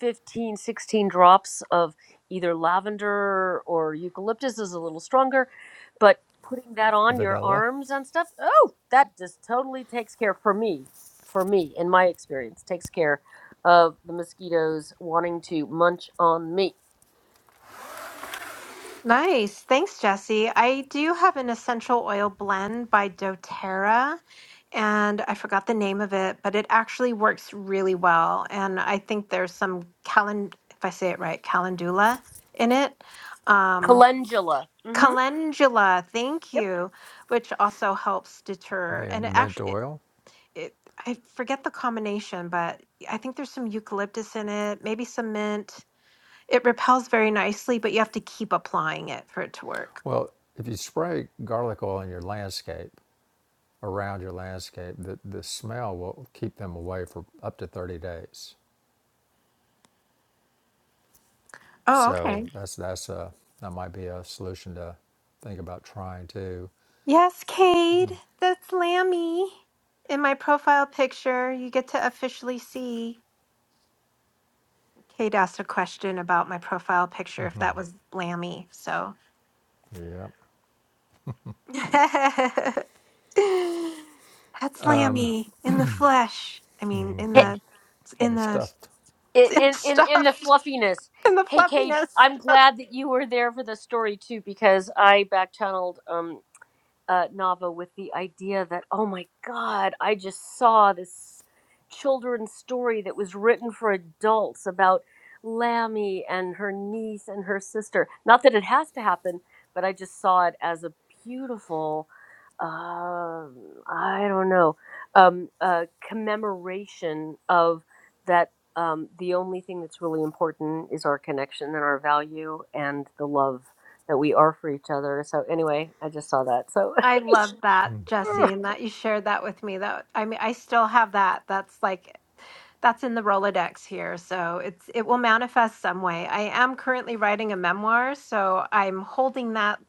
C: 15, 16 drops of either lavender or eucalyptus is a little stronger but putting that on your
B: vanilla,
C: arms and stuff oh that just totally takes care for me for me in my experience takes care of the mosquitoes wanting to munch on me
A: Nice. Thanks, Jesse. I do have an essential oil blend by doTERRA, and I forgot the name of it, but it actually works really well. And I think there's some calen, if I say it right, calendula in it. Um,
C: calendula mm-hmm
A: calendula, thank
C: yep
A: you, which also helps deter.
B: yeah,
A: And it
B: mint
A: actually, it,
B: oil.
A: it, I forget the combination, but I think there's some eucalyptus in it, maybe some mint. It repels very nicely, but you have to keep applying it for it to work.
B: Well, if you spray garlic oil in your landscape, around your landscape, the, the smell will keep them away for up to 30 days.
A: Oh,
B: So
A: okay.
B: that's that's a that might be a solution to think about trying too.
A: Yes, Cade, that's Lammy. In my profile picture, you get to officially see. Cade asked a question about my profile picture if that was Lammy. So
B: Yeah,
A: that's Lammy in the flesh. I mean, in
C: Hey-
A: the
B: and
A: in
B: the
A: the
B: stuffed.
C: hey-
A: in the
C: in, in, in the
A: stuffed
C: fluffiness
A: in the
C: hey Cade,
A: fluffiness.
C: i'm glad that you were there for the story too because i back channeled um, uh, novel with the idea that, oh my God, I just saw this children's story that was written for adults about Lammy and her niece and her sister. Not that it has to happen, but I just saw it as a beautiful, um, I don't know, um, uh, commemoration of that. Um, the only thing that's really important is our connection and our value and the love that we are for each other. So anyway, I just saw that. So
A: I love that,
B: hmm,
A: Jesse, and that you shared that with me. That I mean, I still have that. That's like that's in the Rolodex here. So it's it will manifest some way. I am currently writing a memoir, so I'm holding that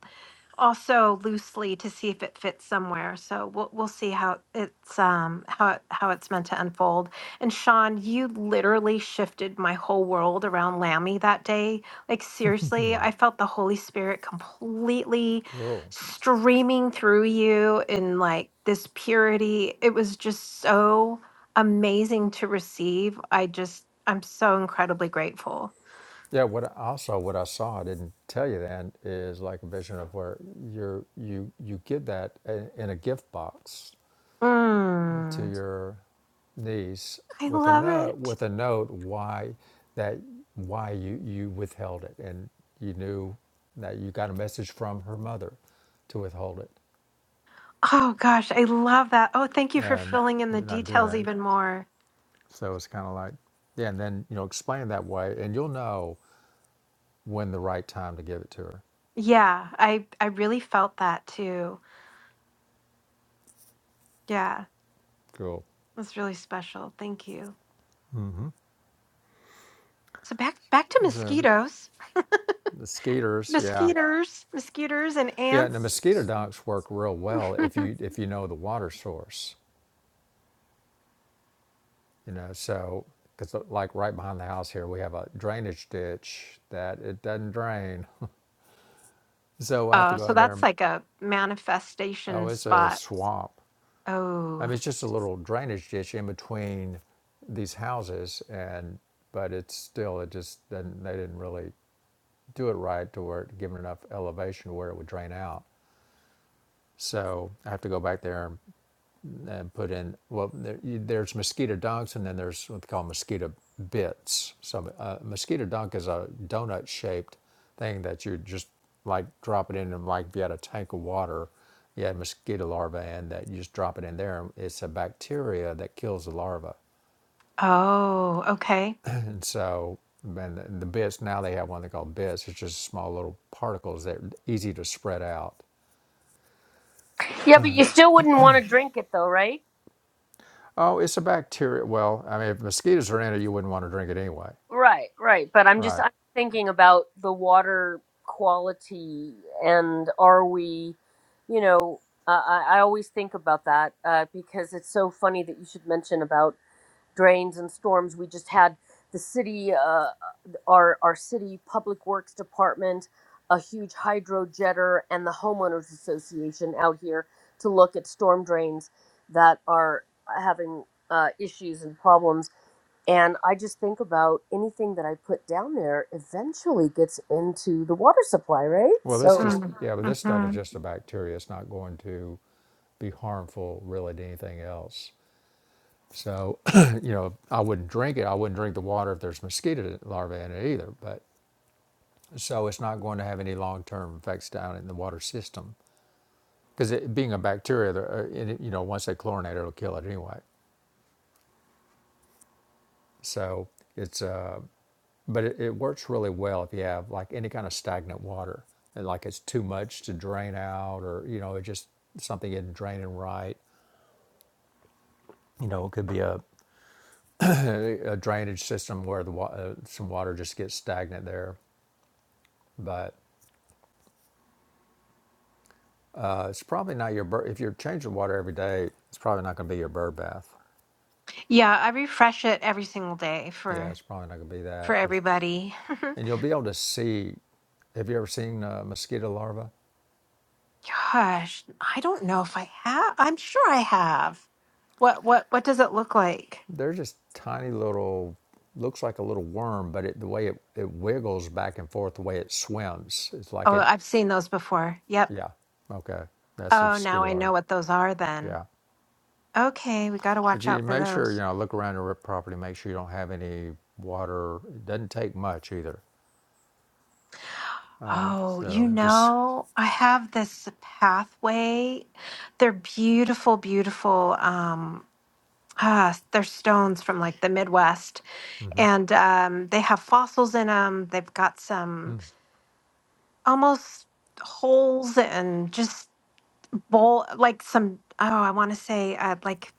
A: also loosely to see if it fits somewhere. So we'll we'll see how it's um how it, how it's meant to unfold. And Sean, you literally shifted my whole world around Lammy that day. Like seriously, I felt the Holy Spirit completely
B: Cool.
A: streaming through you in like this purity. It was just so amazing to receive. I just I'm so incredibly grateful.
B: Yeah. What I- also what I saw I didn't tell you then is like a vision of where you're you you get that in in a gift box to
A: Mm,
B: your niece
A: I
B: with a
A: love
B: note
A: it.
B: with a note why that why you you withheld it and you knew that you got a message from her mother to withhold it
A: Oh gosh, I love that. Oh, thank you for
B: and
A: filling in the
B: not do
A: details
B: that
A: even more.
B: so it's kind of like yeah and then you know explain that way and you'll know when the right time to give it to her
A: Yeah, I I really felt that too. Yeah,
B: cool
A: that's really special. Thank you. So back back to
B: so
A: mosquitoes,
B: the skeeters yeah
A: mosquitoes, mosquitoes, and
B: yeah and the
A: ants.
B: mosquito dunks work real well if you if you know the water source You know, so because like right behind the house here, we have a drainage ditch that it doesn't drain, so I have to
A: oh,
B: go
A: so
B: out there.
A: that's
B: and
A: like a
B: Oh,
A: manifestation
B: it's a
A: spot.
B: swamp. I
A: Oh,
B: mean, it's just a little drainage ditch in between these houses, and but it's still it just didn't, they didn't really do it right to where it given enough elevation to where it would drain out. So I have to go back there and and put in well there, you- there's mosquito dunks and then there's what they call mosquito bits so uh, mosquito dunk is a donut shaped thing that you just like drop it in and like if you had a tank of water you had mosquito larvae and that you just drop it in there and it's a bacteria that kills the larva
A: oh, okay.
B: and so and the, the bits now they have one they call bits it's just small little particles that are easy to spread out
C: Yeah, but you still wouldn't want to drink it though, right?
B: oh it's a bacteria well i mean if mosquitoes are in it you wouldn't want to drink it anyway
C: Right, right. But I'm just
B: right
C: I'm thinking about the water quality and are we, you know, uh, I, I I always think about that uh, because it's so funny that you should mention about drains and storms. We just had the city, uh, our our city public works department, a huge hydro jetter, and the homeowners association out here to look at storm drains that are having uh, issues and problems. And I just think about anything that I put down there eventually gets into the water supply, right?
B: Well, this just
C: So
A: Mm,
B: yeah, but this stuff is
A: Mm-hmm.
B: just a bacteria. It's not going to be harmful really to anything else. So, you know, I wouldn't drink it. I wouldn't drink the water if there's mosquito larvae in it either. But so it's not going to have any long-term effects down in the water system because it being a bacteria, the- uh, it, you know, once they chlorinate it, it'll kill it anyway. So it's uh, but it, it works really well if you have like any kind of stagnant water and like it's too much to drain out or you know it just something isn't draining right You know, it could be a, a drainage system where the wa- uh, some water just gets stagnant there. But uh, it's probably not your bird. If you're changing water every day, it's probably not going to be your bird bath.
A: Yeah, I refresh it every single day
B: Yeah,
A: for
B: it's probably not going to be
A: for
B: that. Cause,
A: everybody.
B: and you'll be able to see. Have you ever seen uh, mosquito larvae?
A: Gosh, I don't know if I have. I'm sure I have. What what what does it look like?
B: They're just tiny little, looks like a little worm, but it, the way it, it wiggles back and forth, the way it swims, it's
A: Oh,
B: like it,
A: I've seen those before. Yep.
B: yeah, okay, that's a
A: Oh, now
B: mosquito
A: I
B: larva.
A: know what those are then.
B: Yeah.
A: Okay, we got to
B: But
A: watch
B: you
A: out for
B: make sure, you
A: those.
B: know, look around your property, make sure you don't have any water. It doesn't take much either. Uh,
A: Oh, you
B: so just,
A: know, I have this pathway. They're beautiful, beautiful um ah, they're stones from like the Midwest
B: mm-hmm.
A: and um they have fossils in them. They've got some almost holes and just bowl like some oh i want to say uh, like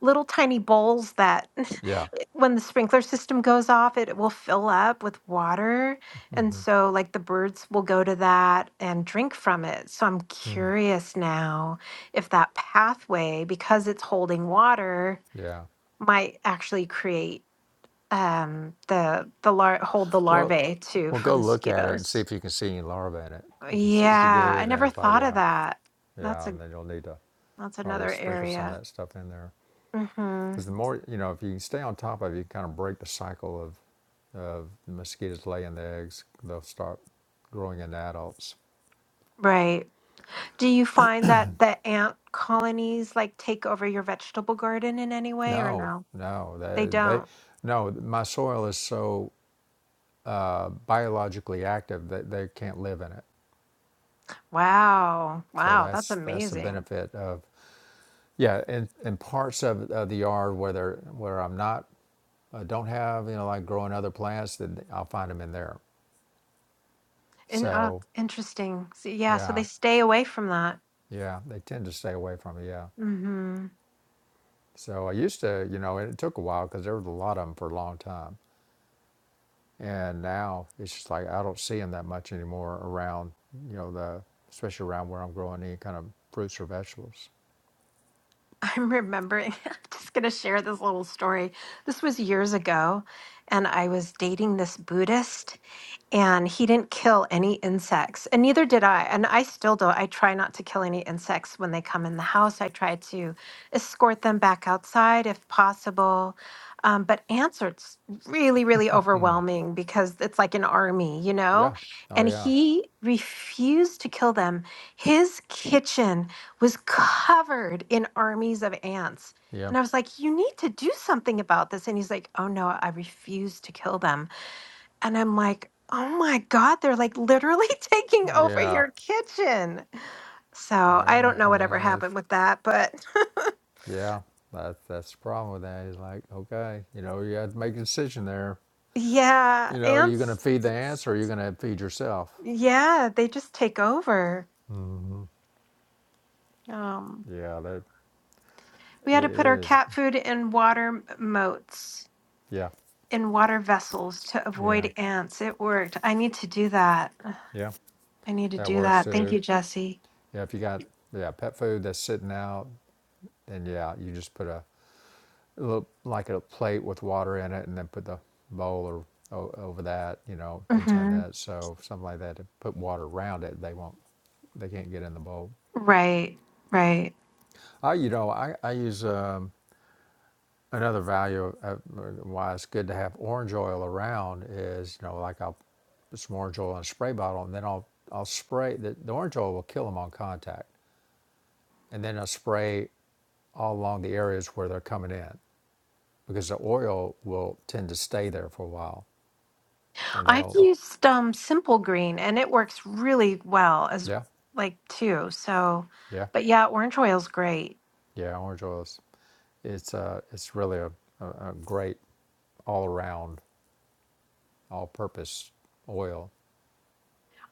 A: little tiny bowls that
B: yeah,
A: when the sprinkler system goes off it will fill up with water and so like the birds will go to that and drink from it so i'm curious now if that pathway because it's holding water
B: yeah.
A: might actually create um the the lar- hold the
B: Well,
A: larvae too
B: well,
A: for
B: go look at it and see
A: mosquitoes
B: if you can see any larvae in it. If you see, if you
A: yeah
B: do,
A: i
B: then
A: never
B: it's like,
A: thought of
B: yeah,
A: that that's
B: yeah,
A: a
B: and then you'll need to
A: that's
B: probably
A: another
B: sprinkle
A: area
B: some of that stuff in there.
A: Mm-hmm.
B: Because the more, you know, if you can stay on top of it, you kind of break the cycle of, of mosquitoes laying the eggs. They'll start growing into adults.
A: Right. Do you find that the ant colonies like take over your vegetable garden in any way or
B: No,
A: no?
B: no,
A: They
B: they, they,
A: don't.
B: no. My soil is so uh, biologically active that they can't live in it.
A: Wow.
B: So
A: Wow, that's
B: that's that's the
A: amazing.
B: benefit of, yeah. And in parts of, of the yard where they're where I'm not, uh, don't have you know like growing other plants, then I'll find them in there.
A: And uh
B: So
A: interesting. So, yeah, so they
B: yeah,
A: stay away from that.
B: yeah, they tend to stay away from it. Yeah.
A: Mm-hmm.
B: So I used to, you know, and it took a while because there was a lot of them for a long time. And now it's just like I don't see them that much anymore around, you know, the especially around where I'm growing any kind of fruits or vegetables.
A: I'm remembering, I'm just gonna share this little story. This was years ago, and I was dating this Buddhist. and he didn't kill any insects and neither did i and i still don't i try not to kill any insects when they come in the house i try to escort them back outside if possible um, but ants are s- really really overwhelming because it's like an army you know
B: Yeah. Oh
A: and
B: yeah.
A: he refused to kill them his kitchen was covered in armies of ants
B: Yeah.
A: and i was like you need to do something about this and he's like oh no i refuse to kill them and I'm like, oh my God, they're like literally taking over
B: Yeah.
A: your kitchen. So I
B: Well,
A: don't know whatever
B: yeah,
A: happened
B: it's,
A: with that, but
B: yeah. That's that's the problem with that. Is like, okay, you know, you have to make a decision there.
A: yeah,
B: You know, you're gonna
A: ants,
B: feed the
A: it's-
B: ants or you're gonna feed yourself.
A: yeah, they just take over.
B: Mm-hmm.
A: Um,
B: Yeah, that
A: we
B: it it
A: had to put our
B: is.
A: cat food in water moats,
B: Yeah,
A: in water vessels to
B: yeah,
A: avoid ants. It worked. I need to do that.
B: yeah.
A: I need to
B: That
A: do
B: works
A: that. Thank
B: too.
A: you, Jesse.
B: Yeah, if you got yeah pet food that's sitting out, Then yeah, you just put a a little, like a plate with water in it, and then put the bowl or over that, you know, inside
A: hmm
B: that. So something like that to put water around it. They won't, they can't get in the bowl.
A: Right, right.
B: I, you know, I I use um, another value uh, why it's good to have orange oil around is you know like I'll put some orange oil in a spray bottle, and then I'll I'll spray the, the orange oil will kill them on contact, and then I'll spray all along the areas where they're coming in. because the oil will tend to stay there for a while, and they
A: I've
B: don't.
A: used um, Simple Green and it works really well as
B: Yeah,
A: like too. So,
B: yeah,
A: but yeah, orange oil is great.
B: yeah. Orange oil is it's uh, it's really a, a, great all around, all purpose oil.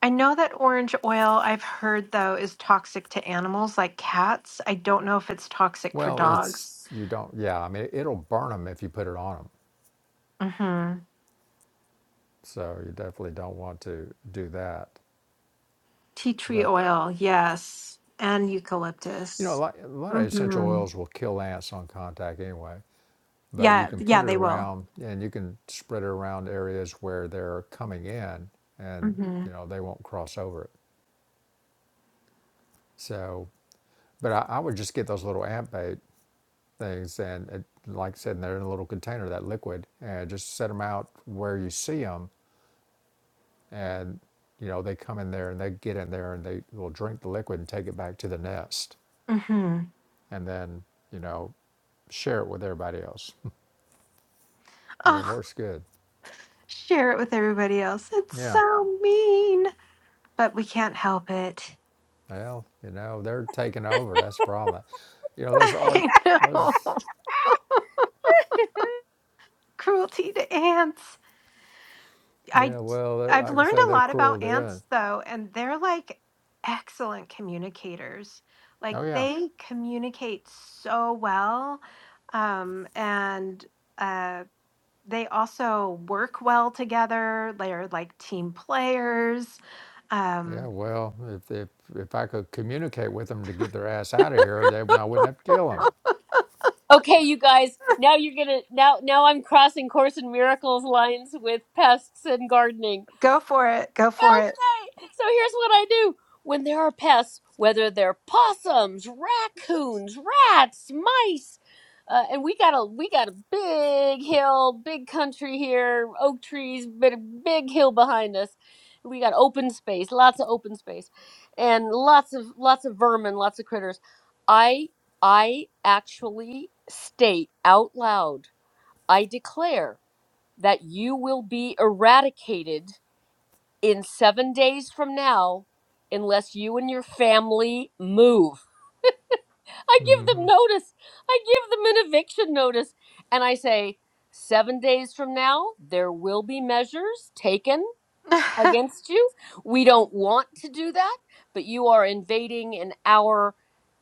A: I know that orange oil I've heard though is toxic to animals like cats. I don't know if it's toxic for
B: Well, it's
A: dogs.
B: you don't. Yeah, I mean it'll burn them if you put it on them,
A: Mm-hmm.
B: so you definitely don't want to do that.
A: Tea tree
B: But
A: oil, yes, and
B: you know, a
A: eucalyptus.
B: lot, a lot of essential
A: Mm-hmm.
B: oils will kill ants on contact anyway. but you
A: Yeah,
B: can put
A: yeah,
B: it
A: they will.
B: around and you can spread it around areas where they're coming in and
A: Mm-hmm.
B: you know they won't cross over it so but i, I would just get those little ant bait things and it, like i said they're in a little container that liquid and just set them out where you see them and you know they come in there and they get in there and they will drink the liquid and take it back to the nest
A: Mm-hmm.
B: and then you know share it with everybody else and it
A: Oh,
B: works good
A: share it with everybody else. It's
B: yeah
A: so mean, but we can't help it.
B: Well, you know, they're taking over. That's the problem. You know, those art,
A: I know.
B: those,
A: Cruelty to ants. I
B: yeah, well,
A: I've
B: I can
A: learned
B: say
A: a
B: they're
A: lot
B: cruel
A: about
B: to you.
A: ants though, and they're like excellent communicators. Like
B: Oh, yeah.
A: they communicate so well. Um and uh they also work well together. They're like team players.
B: Yeah,
A: Um
B: well, if, if, if I could communicate with them to get their ass out of here, then I wouldn't have to kill them.
C: okay, you guys. Now you're gonna now now I'm crossing course and miracles lines with pests and gardening
A: go for it. Go for it.
C: Okay, so here's what I do. When there are pests, whether they're possums, raccoons, rats, mice, uh, and we got a we got a big hill, big country here, oak trees, big, big hill behind us. We got open space, lots of open space, and lots of lots of vermin, lots of critters. I I actually state out loud, I declare that you will be eradicated in seven days from now, unless you and your family move. I give
B: Mm-hmm.
C: them notice. I give them an eviction notice. And I say, seven days from now, there will be measures taken against you. We don't want to do that, but you are invading in our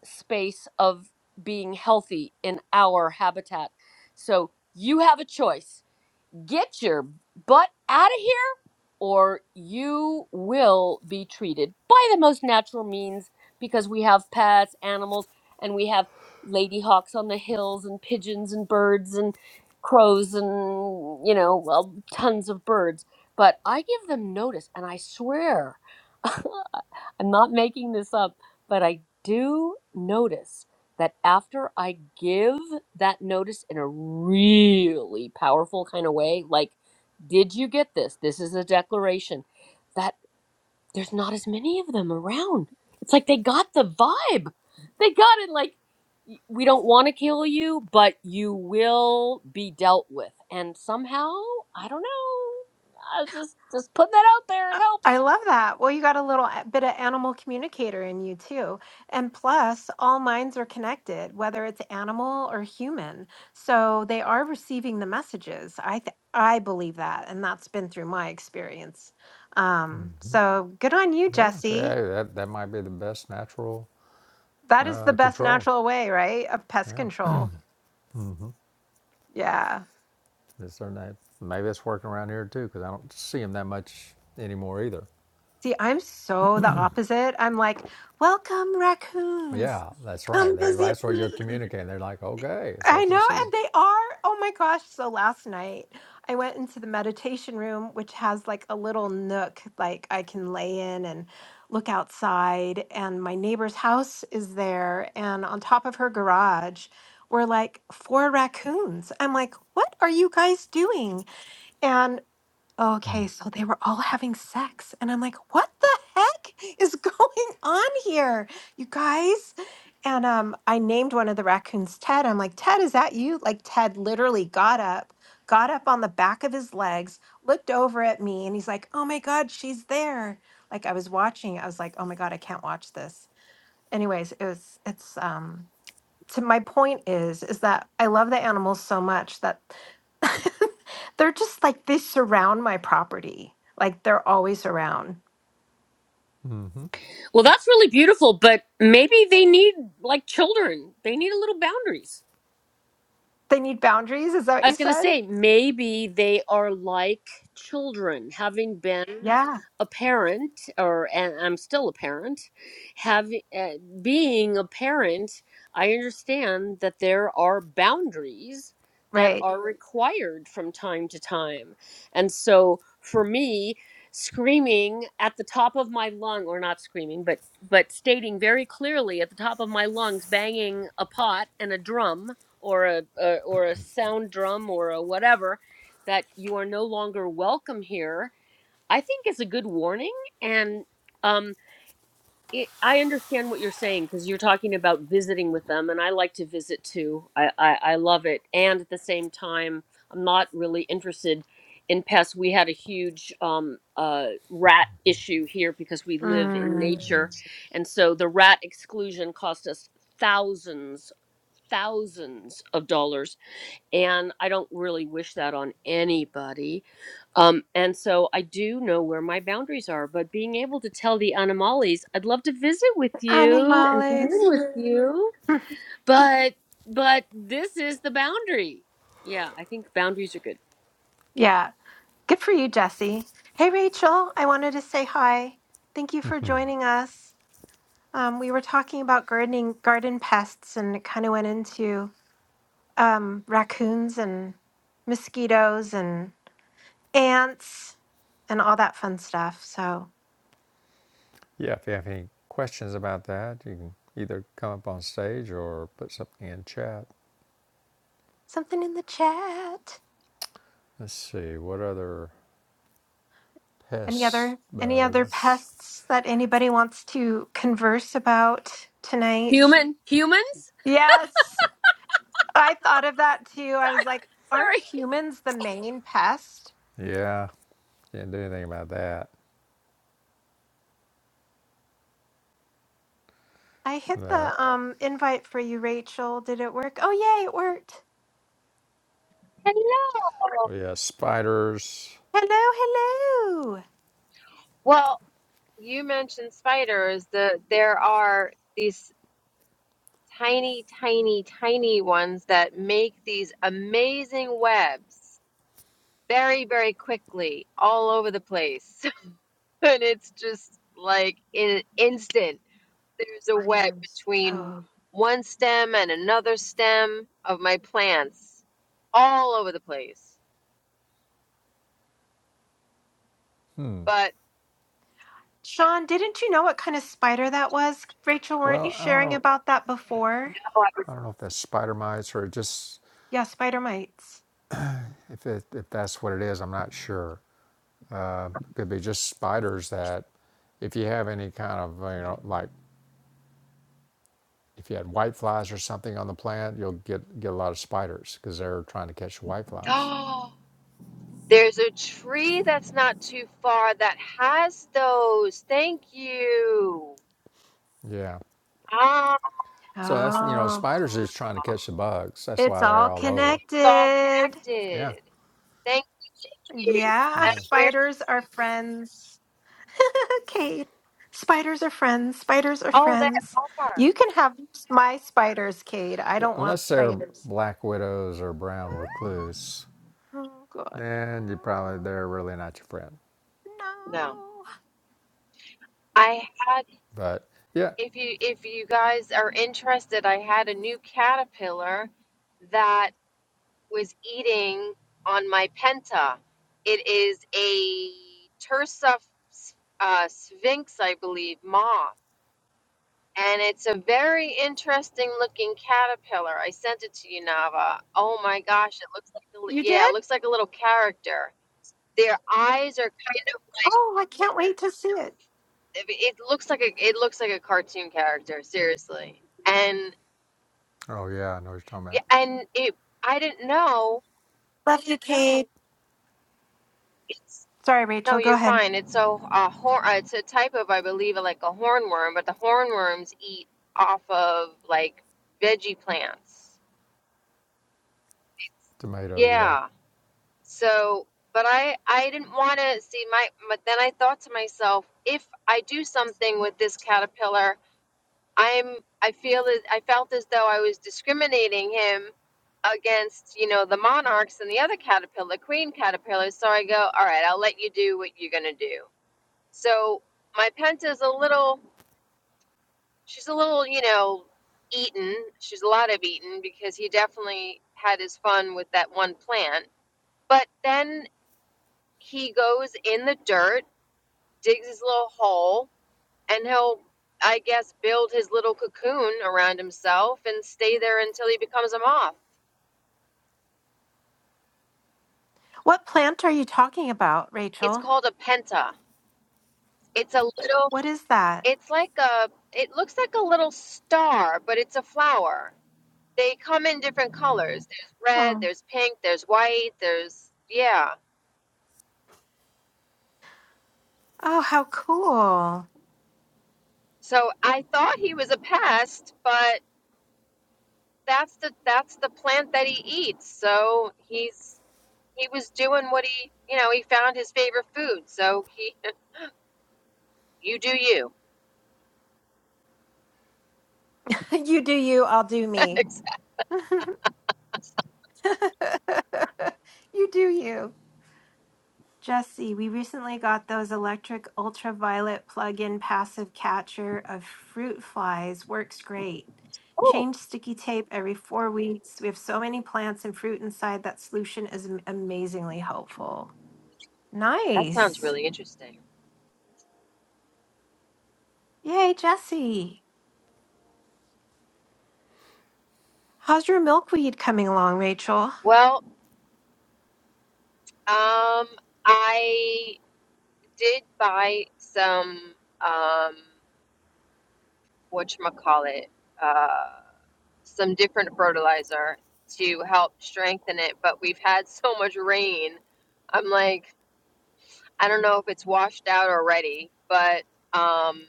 C: space of being healthy in our habitat. So you have a choice get your butt out of here or you will be treated by the most natural means because we have pets, animals, and we have ladyhawks on the hills and pigeons and birds and crows and you know well tons of birds but i give them notice and i swear i'm not making this up but i do notice that after I give that notice in a really powerful kind of way, like, did you get this? This is a declaration, that there's not as many of them around. It's like they got the vibe. They got it like, "Y- we don't want to kill you, but you will be dealt with. And somehow, I don't know. I just just put that out there. It
A: I I
C: helps.
A: love that. Well, you got a little a- bit of animal communicator in you too. And plus, all minds are connected, whether it's animal or human. So they are receiving the messages. I th- I believe that, and that's been through my experience. Um, so good on you,
B: Yeah,
A: Jesse.
B: yeah that, that might be the best natural
A: That is the
B: uh,
A: best
B: control.
A: natural way, right, of pest
B: Yeah.
A: control. Yeah.
B: Is there not, maybe it's working around here too, because I don't see them that much anymore either.
A: See, I'm so the opposite. I'm like, welcome
B: But
A: raccoons.
B: yeah, that's right.
A: Come
B: They,
A: visit
B: that's what you're
A: me.
B: communicating. They're like, okay, it's
A: I
B: open
A: know,
B: season.
A: and they are. Oh my gosh. So last night I went into the meditation room, which has like a little nook like I can lay in and look outside. And my neighbor's house is there. And on top of her garage were like four raccoons. I'm like, what are you guys doing? And Okay, so they were all having sex. And I'm like, what the heck is going on here, you guys? And um, I named one of the raccoons Ted. I'm like, Ted, is that you? Like, Ted literally got up, got up on the back of his legs, looked over at me, and he's like, oh my God, she's there. Like, I was watching, I was like, oh my God, I can't watch this. Anyways, it was, it's, um, to my point is is that I love the animals so much that they're just like they surround my property. Like they're always around.
B: Mm-hmm.
C: Well, that's really beautiful, but maybe they need like children. They need a little boundaries.
A: They need boundaries, is that what
C: I
A: you
C: was going to
A: said?
C: say maybe they are like children, having been
A: Yeah.
C: a parent, or and I'm still a parent. Having uh, being a parent, I understand that there are boundaries that
A: Right.
C: are Right. required from time to time, and so for me, screaming at the top of my lung, or not screaming, but but stating very clearly at the top of my lungs, banging a pot and a drum or a, a or a sound drum or a whatever that you are no longer welcome here i think is a good warning and um it, i understand what you're saying because you're talking about visiting with them and i like to visit too I, I i love it and at the same time i'm not really interested in pests we had a huge um uh rat issue here because we live in
A: Mm.
C: nature Mm. and so the rat exclusion cost us thousands thousands of dollars and I don't really wish that on anybody. Um, and so I do know where my boundaries are, but being able to tell the Animales, I'd love to visit with you and commune
A: Animales.
C: with you, but but this is the boundary. Yeah, I think boundaries are good.
A: Yeah. Good for you, Jesse. Hey Rachel, I wanted to say hi. Thank you for joining us. Um, we were talking about gardening garden pests and it kind of went into um, raccoons and mosquitoes and ants and all that fun stuff. So
B: Yeah, if you have any questions about that, you can either come up on stage or put something in chat.
A: something in the chat.
B: Let's see, what other
A: Any
B: pests,
A: other any other
B: bugs?
A: pests that anybody wants to converse about tonight?
C: Human humans?
A: Yes, I thought of that too. I was
C: Sorry,
A: like, aren't
C: sorry.
A: humans the main pest?
B: Yeah, didn't do anything about that.
A: I hit
B: But
A: the um invite for you, Rachel. Did it work? Oh yay, it worked.
D: Hello.
B: oh yeah, spiders.
A: Hello, hello.
D: Well, you mentioned spiders. The there are these tiny, tiny, tiny ones that make these amazing webs very, very quickly all over the place. And it's just like in an instant, there's a web
A: Spiders.
D: between
A: Oh.
D: one stem and another stem of my plants all over the place. But
A: Sean, didn't you know what kind of spider that was? Rachel, weren't you
B: Well, I don't
A: sharing
B: know.
A: about that before?
D: Oh,
B: I don't know if that's spider mites or just
A: Yeah, spider mites.
B: if it, if that's what it is. I'm not sure. Uh, could be just spiders that, if you have any kind of you know like If you had white flies or something on the plant, you'll get, get a lot of spiders because they're trying to catch the white flies.
D: oh, There's a tree that's not too far that has those. Thank you.
B: Yeah.
D: Ah,
B: So that's, you know,
A: Oh,
B: spiders are just trying to catch the bugs. That's
A: it's
B: why they're
A: all
B: all over.
D: it's all
A: connected.
B: Yeah.
D: connected. Thank you.
A: Yeah,
B: Yeah.
D: That's where.
A: spiders are friends. Kate, spiders are friends. Spiders are
D: Oh, that
A: friends.
D: are.
A: You can have my spiders, Cade. I
B: yeah
A: don't want
B: unless they're
A: spiders.
B: black widows or brown recluse,
A: Oh, God, no.
B: then you probably, they're really not your friend.
A: No.
D: No, I had.
B: But yeah.
D: If you if you guys are interested, I had a new caterpillar that was eating on my penta. It is a Tursa uh, sphinx, I believe, moth. and it's a very interesting looking caterpillar. I sent it to you, Nava. Oh my gosh, it looks like a, li-
A: You
D: yeah, it
A: did?
D: looks like a little character. Their eyes are kind of
A: Oh, I can't wait to see it.
D: it it looks like a it looks like a cartoon character, seriously. And
B: Oh, yeah. I know what you're talking
D: yeah,
B: about.
D: and it I didn't know
A: Love you, Cade.
D: it's
A: Sorry,
D: no,
A: Rachel. Go
D: you're
A: ahead.
D: fine. It's so a horn. It's a type of, I believe, like a hornworm, but the hornworms eat off of like veggie plants.
B: Tomatoes. Yeah.
D: Yeah. So, but I I didn't want to see my but then I thought to myself, if I do something with this caterpillar, I'm I feel that I felt as though I was discriminating him against, you know, the monarchs and the other caterpillar, queen caterpillars. So I go, all right, I'll let you do what you're going to do. So my Penta's a little she's a little, you know, eaten. She's a lot of eaten because he definitely had his fun with that one plant. But then he goes in the dirt, digs his little hole, and he'll, I guess, build his little cocoon around himself and stay there until he becomes a moth.
A: What plant are you talking about,
D: It's
A: Rachel?
D: called a penta. It's a little,
A: What is that?
D: it's like a, it looks like a little star, but it's a flower. They come in different colors. There's red,
A: Oh,
D: there's pink, there's white, there's, yeah.
A: oh how cool.
D: So I thought he was a pest, but that's the that's the plant that he eats. So he's he was doing what he, you know, he found his favorite food. So he, you do you.
A: You do you, I'll do me.
D: Exact-
A: you do you. Jesse, we recently got those electric ultraviolet plug in passive catcher of fruit flies. Works great.
D: oh,
A: Change sticky tape every four weeks. We have so many plants and fruit inside that solution is am- amazingly helpful.
D: that sounds
A: Nice.
D: really interesting.
A: Yay, Jesse. How's your milkweed coming along, Rachel?
D: Well, um, I did buy some, um, whatchamacallit, uh, some different fertilizer to help strengthen it, but we've had so much rain. I'm like, I don't know if it's washed out already, but, um,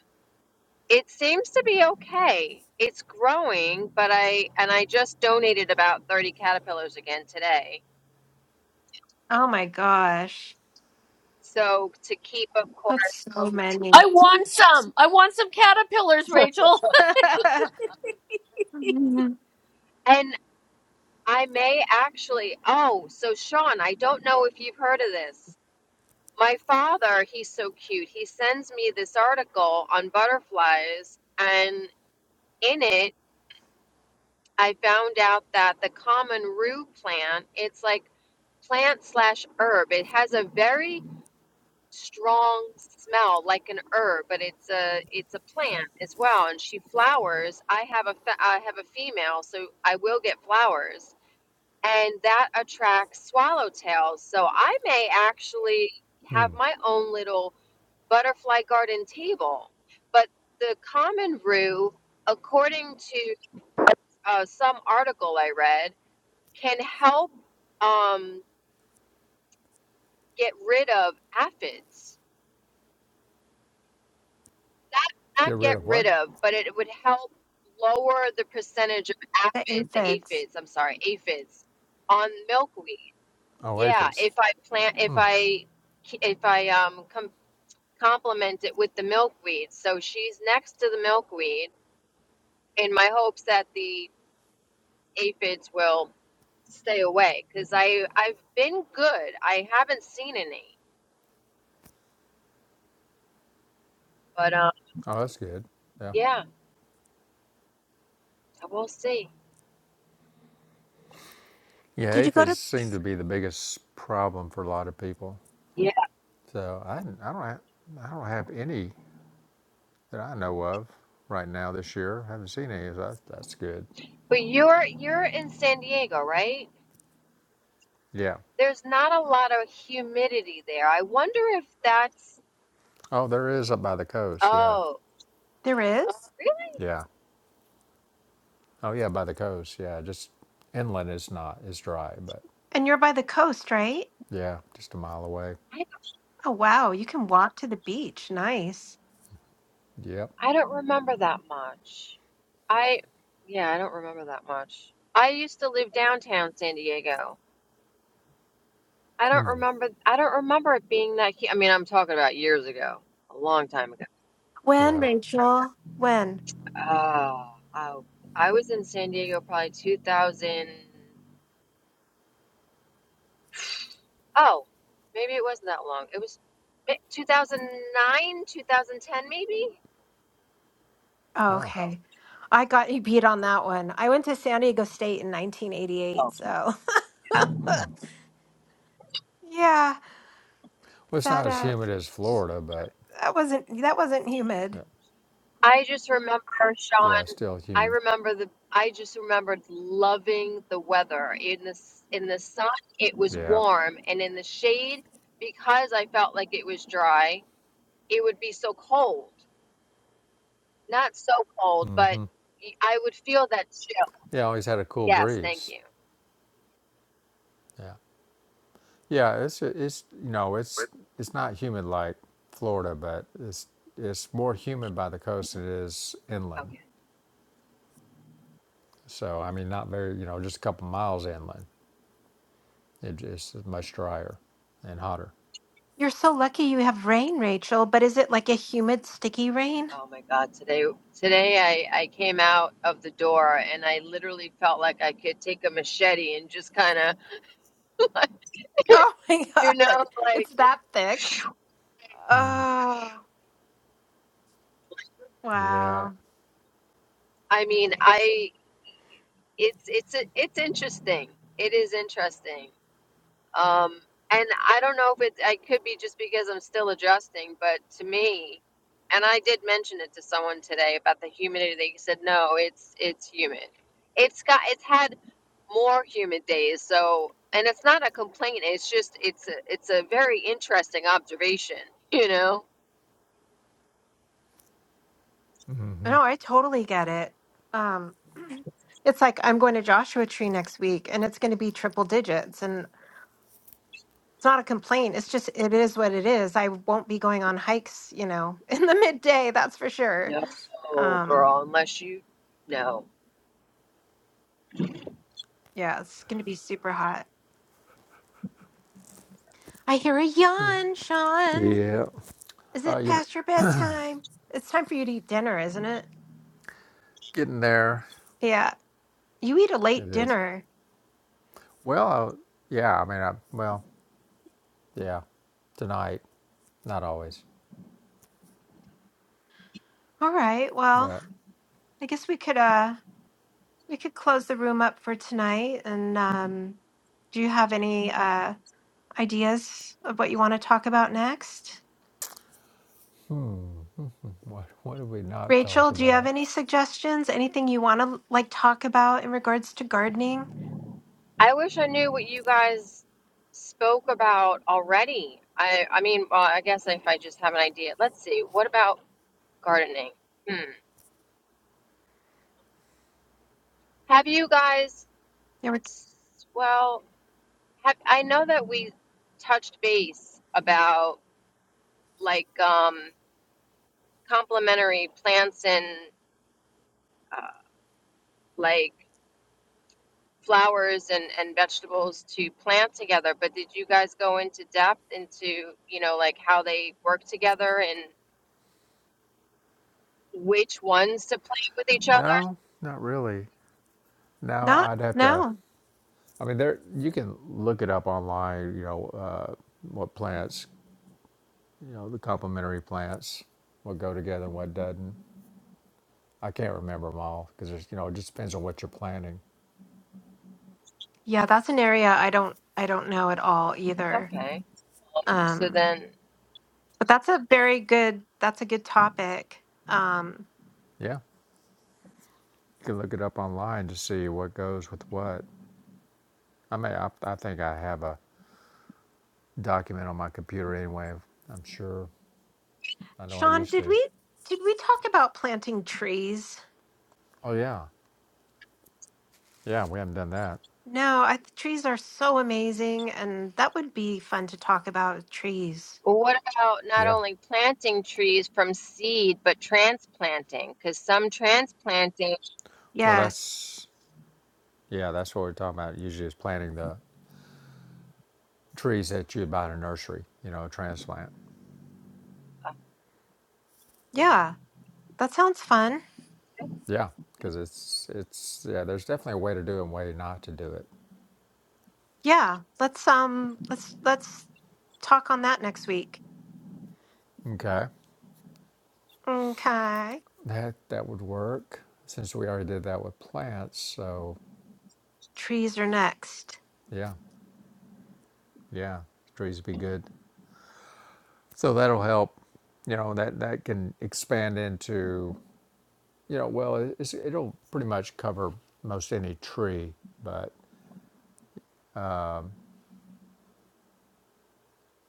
D: It seems to be okay. It's growing, but I and I just donated about 30 caterpillars again today.
A: Oh my gosh.
D: So to keep of course.
A: That's so many.
C: I want some. I want some caterpillars, Rachel.
A: the
D: And I may actually oh, so Sean, I don't know if you've heard of this. My father, he's so cute. He sends me this article on butterflies and in it I found out that the common rue plant, it's like plant slash herb. It has a very strong smell like an herb, but it's a it's a plant as well, and she flowers. I have a fe- I have a female, so I will get flowers, and that attracts swallowtails. So I may actually
B: Hmm.
D: have my own little butterfly garden table, but the common rue, according to uh, some article I read, can help um, get rid of aphids
B: Get
D: not
B: rid
D: get
B: of
D: rid
B: what?
D: of, but it would help lower the percentage of aphids, the
A: aphids.
D: aphids, I'm sorry, aphids on milkweed.
B: Oh,
D: Yeah,
B: aphids.
D: if I plant, if I, if I um com- complement it with the milkweed, so she's next to the milkweed in my hopes that the aphids will stay away because I I've been good. I haven't seen any, but um
B: Oh, that's good. Yeah.
D: yeah, we'll see.
B: Yeah,
A: Did you go to?
B: aphids seem to be the biggest problem for a lot of people.
D: Yeah,
B: So I, I don't have, I don't have any that I know of right now this year. I haven't seen any. So that's, that's good.
D: but you're you're in San Diego, right?
B: Yeah.
D: There's not a lot of humidity there. I wonder if that's,
B: Oh, there is up by the coast. Yeah.
D: oh,
A: There is?
D: really?
B: Yeah. Oh yeah, by the coast. Yeah. Just inland is not. It's dry, but
A: And you're by the coast, right?
B: yeah, just a mile away.
D: I,
A: Oh, wow. You can walk to the beach. Nice.
B: Yep.
D: I don't remember that much. I, yeah, I don't remember that much. I used to live downtown San Diego. I don't
B: Mm,
D: remember, I don't remember it being that, hu- I mean, I'm talking about years ago, a long time ago.
A: When,
B: Yeah.
A: Rachel? When?
D: Oh, oh, I was in San Diego probably 2000. Oh, maybe it wasn't that long. It was eh, 2009, 2010, maybe.
A: Oh,
B: Oh.
A: okay. I got you beat on that one. I went to San Diego State in 1988,
D: Oh,
A: so
B: mm.
A: yeah,
B: Well, it's
A: that
B: not as
A: uh
B: humid as Florida, but
A: that wasn't that wasn't humid.
B: yeah,
D: I just remember,
B: yeah, it's
D: Sean,
B: still
D: I
B: humid.
D: remember the I just remembered loving the weather. In the s- in the sun, it was
B: Yeah.
D: warm, and in the shade, because I felt like it was dry, it would be so cold. Not so cold, but
B: Mm-hmm.
D: y- I would feel that chill.
B: Yeah. Always had a cool
D: Yes, thank
B: breeze.
D: you.
B: Yeah. Yeah, it's it's you know it's it's not humid like Florida, but it's it's more humid by the coast than it is inland.
D: Okay.
B: So I mean, not very you know just a couple miles inland. It, it's much drier and hotter.
A: You're so lucky you have rain, Rachel, but is it like a humid sticky rain?
D: Oh my God. Today today I I came out of the door and I literally felt like I could take a machete and just kind of
A: Oh my
D: you know
A: God.
D: like
A: It's that thick.
B: Mm.
A: Oh,
B: Yeah,
A: wow.
D: I mean, I it's it's it's interesting. It is interesting. Um, and I don't know if it I could be just because I'm still adjusting, but to me, and I did mention it to someone today about the humidity. They said no, it's it's humid. It's got it's had more humid days. So, and it's not a complaint. It's just it's a it's a very interesting observation. You know?
B: Mm-hmm.
A: No, I totally get it. Um, It's like I'm going to Joshua Tree next week and it's going to be triple digits. And it's not a complaint. It's just, it is what it is. I won't be going on hikes, you know, in the midday, that's for sure.
D: No,
A: Um,
D: girl, unless you no.
A: yeah, it's going to be super hot. I hear a
B: yeah.
A: yawn, Sean.
B: Yeah.
A: Is
B: Uh,
A: it
B: you
A: past your bedtime? It's time for you to eat dinner, isn't it?
B: getting there?
A: Yeah, you eat a
B: It
A: late
B: is.
A: dinner.
B: Well, uh, yeah. I mean, I, well, yeah. Tonight, not always,
A: All right. Well,
B: but
A: I guess we could, uh, we could close the room up for tonight. And, um, do you have any, uh, ideas of what you want to talk about next.
B: what what have we not talked
A: Rachel, do you have
B: about?
A: any suggestions? Anything you want to like talk about in regards to gardening?
D: I wish I knew what you guys spoke about already. I I mean, well, I guess if I just have an idea. Let's see. What about gardening? Hmm. Have you guys,
A: There were
D: s- well, have, I know that we touched base about like um complementary plants and uh, like flowers and and vegetables to plant together, but did you guys go into depth into, you know, like how they work together and. which ones to plant with each other?
B: No, not really. Now
A: not
B: I'd have to.
A: no.
B: I mean, there you can look it up online. You know uh, what plants, you know the complementary plants, what go together and what doesn't. I can't remember them all because you know it just depends on what you're planting.
A: Yeah, that's an area I don't I don't know at all either.
D: Okay. So
A: Um,
D: then,
A: but that's a very good that's a good topic. Um,
B: Yeah, you can look it up online to see what goes with what. I mean, I, I think I have a document on my computer anyway. I'm sure. I know I
A: Sean,
B: used
A: did
B: to.
A: we did we talk about planting trees?
B: Oh yeah, yeah. We haven't done that.
A: No, I, trees are so amazing, and that would be fun to talk about trees.
D: what about not
B: Yeah.
D: only planting trees from seed, but transplanting? Because some transplanting,
B: Well,
A: Yes.
B: that's yeah. That's what we're talking about. Usually, is planting the trees that you buy in a nursery, you know, transplant.
A: Yeah. That sounds fun.
B: Yeah, because it's it's yeah. There's definitely a way to do it and a way not to do it.
A: Yeah, let's um let's let's talk on that next week.
B: Okay,
A: Okay.
B: that that would work since we already did that with plants. So
A: Trees are next.
B: yeah, yeah, trees would be good. So that'll help. You know that that can expand into you know well it's, it'll pretty much cover most any tree, but